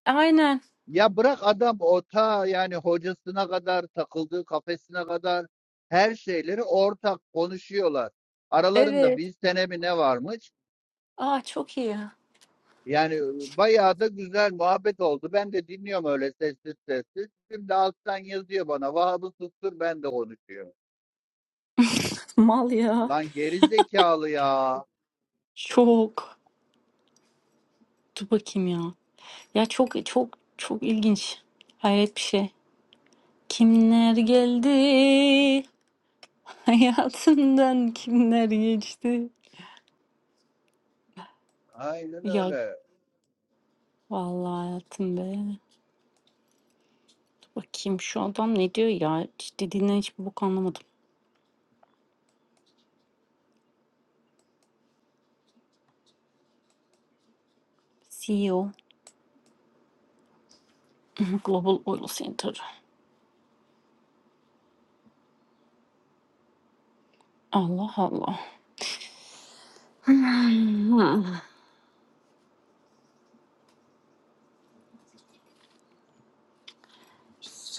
Aynen.
Ya bırak adam ota yani hocasına kadar takıldığı kafesine kadar her şeyleri ortak konuşuyorlar. Aralarında
Evet.
bir sene mi ne varmış?
Aa çok iyi.
Yani bayağı da güzel muhabbet oldu. Ben de dinliyorum öyle sessiz sessiz. Şimdi alttan yazıyor bana Vahab'ı sustur ben de konuşuyorum.
Mal ya.
Lan geri zekalı ya.
Çok. Dur bakayım ya. Ya çok çok çok ilginç. Hayret bir şey. Kimler geldi? (laughs) Hayatımdan kimler geçti?
Aynen
Ya
öyle.
vallahi hayatım be. Dur Bakayım şu adam ne diyor ya? Hiç Dediğinden hiçbir bok anlamadım. CEO (laughs) Global Oil Center. Allah Allah. (laughs) Hmm.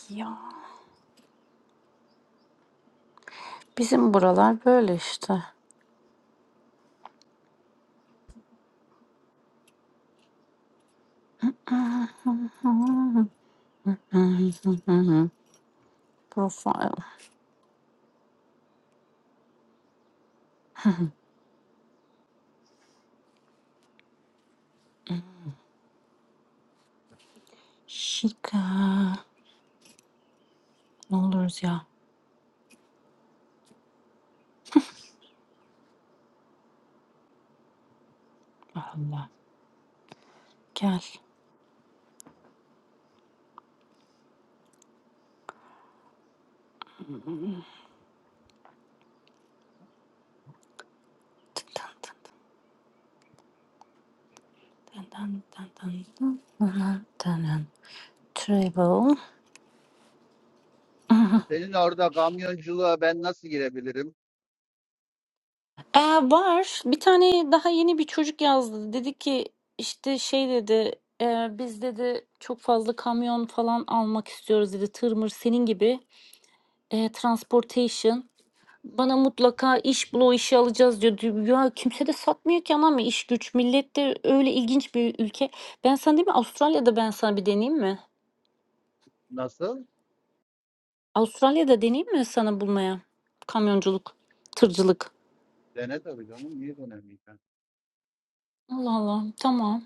ya bizim buralar böyle işte. (laughs) Profile. Şika. Ne oluruz ya. Allah. Gel. Tın tın tın tın tın tın tın tın tın. tın tın tın. Travel. (laughs)
Senin orada kamyonculuğa ben nasıl girebilirim?
Ee, var. Bir tane daha yeni bir çocuk yazdı. Dedi ki işte şey dedi e, biz dedi çok fazla kamyon falan almak istiyoruz dedi. Tırmır senin gibi e, transportation. Bana mutlaka iş bul o işi alacağız diyor. Diyor, Ya kimse de satmıyor ki anam iş güç. Millet de öyle ilginç bir ülke. Ben sana değil mi Avustralya'da ben sana bir deneyeyim mi?
Nasıl?
Avustralya'da deneyeyim mi sana bulmaya? Kamyonculuk, tırcılık.
Dene tabii canım. Niye denemeyeceksin?
Allah Allah tamam.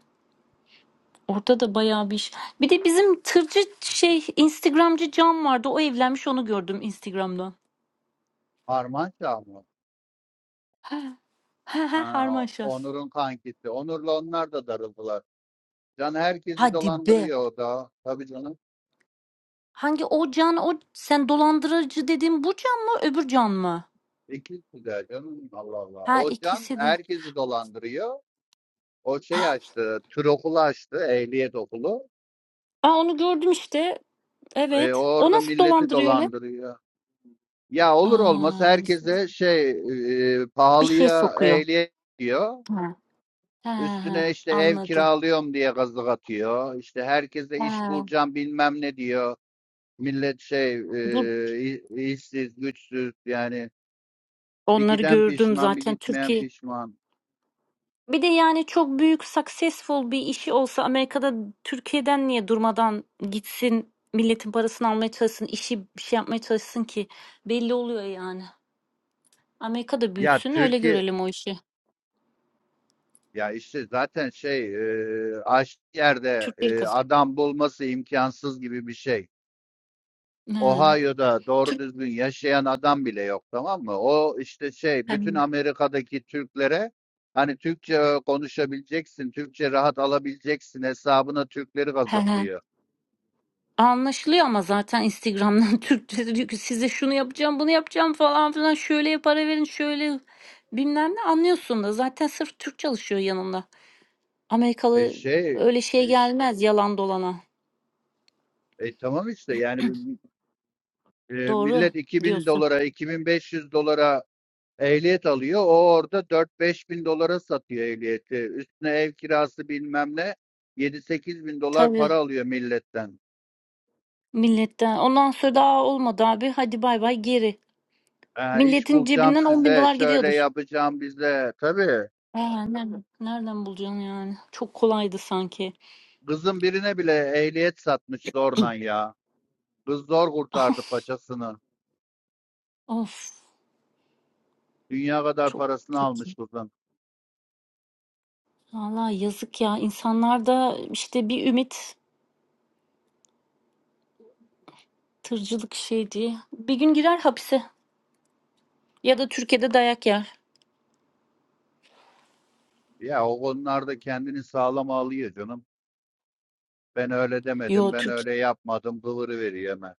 Orada da bayağı bir iş. Bir de bizim tırcı şey Instagramcı Can vardı. O evlenmiş onu gördüm Instagram'dan.
Harman Çağ mı?
He he he
Ha,
Harmaşa.
Onur'un kankisi. Onur'la onlar da darıldılar. Can herkesi
Hadi be.
dolandırıyor o da. Tabii canım.
Hangi o Can o sen dolandırıcı dediğin bu Can mı öbür Can mı?
İkisi de canım. Allah Allah.
Ha
O Can
ikisi de.
herkesi dolandırıyor. O şey açtı. Tür okulu açtı. Ehliyet okulu.
Aa onu gördüm işte.
E, o
Evet. O
orada
nasıl
milleti
dolandırıyor öyle?
dolandırıyor. Ya olur olmaz
Aa,
herkese şey e, e,
bir şey
pahalıya
sokuyor.
ehliyet diyor.
Ha. Ha,
Üstüne
ha,
işte ev
anladım.
kiralıyorum diye gazlık atıyor. İşte herkese iş
Ha.
bulacağım bilmem ne diyor. Millet şey
Dur
e, işsiz, güçsüz yani bir
onları
giden
gördüm
pişman, bir
zaten
gitmeyen
Türkiye
pişman.
Bir de yani çok büyük successful bir işi olsa Amerika'da Türkiye'den niye durmadan gitsin milletin parasını almaya çalışsın işi bir şey yapmaya çalışsın ki belli oluyor yani. Amerika'da
Ya
büyütsün öyle
Türkiye
görelim o işi.
ya işte zaten şey e, aç yerde
Türkleri
e,
kazan.
adam bulması imkansız gibi bir şey.
He,
Ohio'da doğru
Türk
düzgün yaşayan adam bile yok tamam mı? O işte şey
He,
bütün Amerika'daki Türklere hani Türkçe konuşabileceksin, Türkçe rahat alabileceksin hesabına Türkleri
he. he.
gazıklıyor.
Anlaşılıyor ama zaten Instagram'dan (laughs) Türkçe diyor ki size şunu yapacağım bunu yapacağım falan filan şöyle para verin şöyle bilmem ne anlıyorsun da zaten sırf Türk çalışıyor yanında.
E
Amerikalı
şey
öyle şey gelmez yalan dolana.
e tamam işte yani e,
Doğru
millet 2000
diyorsun.
dolara 2500 dolara ehliyet alıyor. O orada 4-5 bin dolara satıyor ehliyeti. Üstüne ev kirası bilmem ne 7-8 bin dolar
Tabii
para alıyor milletten.
milletten. Ondan sonra daha olmadı abi. Hadi bay bay geri.
Ee, iş
Milletin
bulacağım
cebinden 10 bin
size,
dolar
şöyle
gidiyordur.
yapacağım bize. Tabii.
Aa, nereden, nereden bulacaksın yani? Çok kolaydı sanki.
Kızın birine bile ehliyet satmış zorla ya. Kız zor kurtardı paçasını.
Of
Dünya kadar
çok
parasını
kötü.
almış kızın.
Valla yazık ya. İnsanlar da işte bir ümit tırcılık şey diye. Bir gün girer hapise ya da Türkiye'de dayak yer.
Ya o konularda kendini sağlam alıyor canım. Ben öyle demedim,
Yo
ben
Türk
öyle yapmadım, kıvırıveriyor hemen.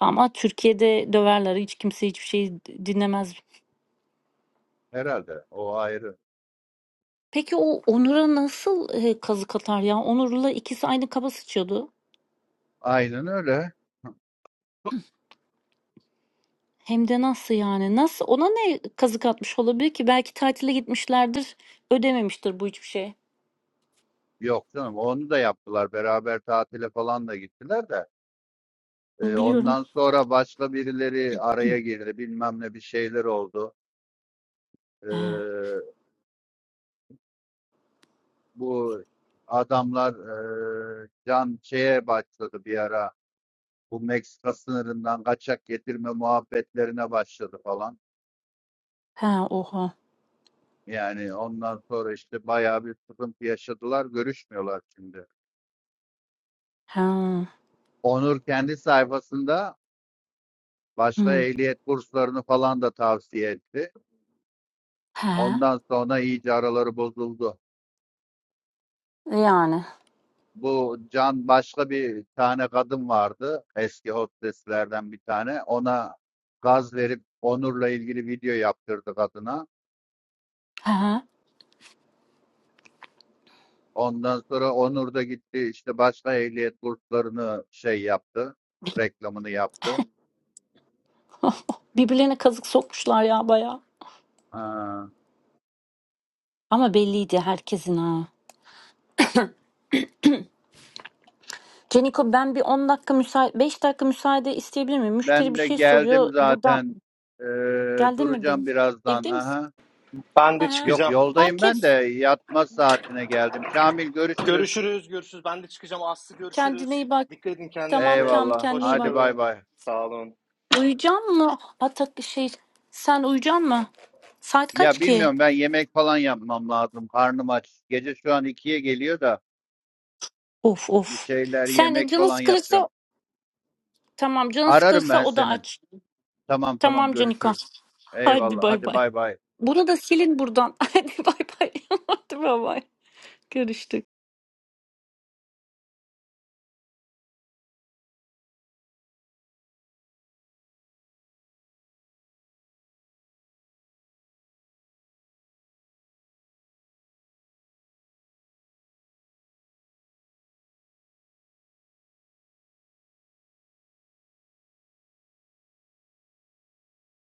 ama Türkiye'de döverler. Hiç kimse hiçbir şey dinlemez.
Herhalde o ayrı.
Peki o Onur'a nasıl, eee, kazık atar ya? Onur'la ikisi aynı kaba sıçıyordu.
Aynen öyle.
Hem de nasıl yani? Nasıl? Ona ne kazık atmış olabilir ki? Belki tatile gitmişlerdir. Ödememiştir bu hiçbir şey.
Yok canım onu da yaptılar. Beraber tatile falan da gittiler de. Ee,
Biliyorum.
ondan sonra başka birileri araya girdi. Bilmem ne bir şeyler oldu.
He.
Ee, bu adamlar eee, can şeye başladı bir ara. Bu Meksika sınırından kaçak getirme muhabbetlerine başladı falan.
He, oha.
Yani ondan sonra işte bayağı bir sıkıntı yaşadılar. Görüşmüyorlar şimdi.
He.
Onur kendi sayfasında başka
Hı.
ehliyet kurslarını falan da tavsiye etti.
He.
Ondan sonra iyice araları bozuldu.
Yani.
Bu Can başka bir tane kadın vardı. Eski hosteslerden bir tane. Ona gaz verip Onur'la ilgili video yaptırdı kadına.
He.
Ondan sonra Onur da gitti işte başka ehliyet kurslarını şey yaptı. Reklamını yaptı.
(laughs) Birbirlerine kazık sokmuşlar ya baya.
Ha.
Ama belliydi herkesin ha. (laughs) Ceniko ben bir 10 dakika müsait 5 dakika müsaade isteyebilir miyim? Müşteri
Ben
bir
de
şey soruyor.
geldim
Buradan
zaten. Ee,
geldi mi
duracağım
benim?
birazdan.
Evde misin?
Aha.
Ben de
Aha.
Yok
çıkacağım.
yoldayım
Fark
ben
et.
de yatma saatine geldim. Kamil görüşürüz.
Görüşürüz, görüşürüz. Ben de çıkacağım. Aslı
Kendine
görüşürüz.
iyi bak.
Dikkat edin
Tamam
kendinize.
Kamil
Eyvallah.
kendine iyi bak.
Hadi bay
Hoşçakalın.
bay.
Sağ olun.
Uyuyacak mı? Atak şey sen uyuyacak mı? Saat kaç
Ya
ki?
bilmiyorum ben yemek falan yapmam lazım. Karnım aç. Gece şu an ikiye geliyor da
Of
bir
of.
şeyler
Sen de
yemek
canın
falan
sıkılırsa
yapacağım.
tamam canın
Ararım
sıkılırsa
ben
o da
seni.
aç.
Tamam tamam
Tamam Canika.
görüşürüz.
Hadi
Eyvallah.
bay
Hadi
bay.
bay bay.
Bunu da silin buradan. (laughs) Hadi bay bay. (laughs) Hadi bay bay. Görüştük.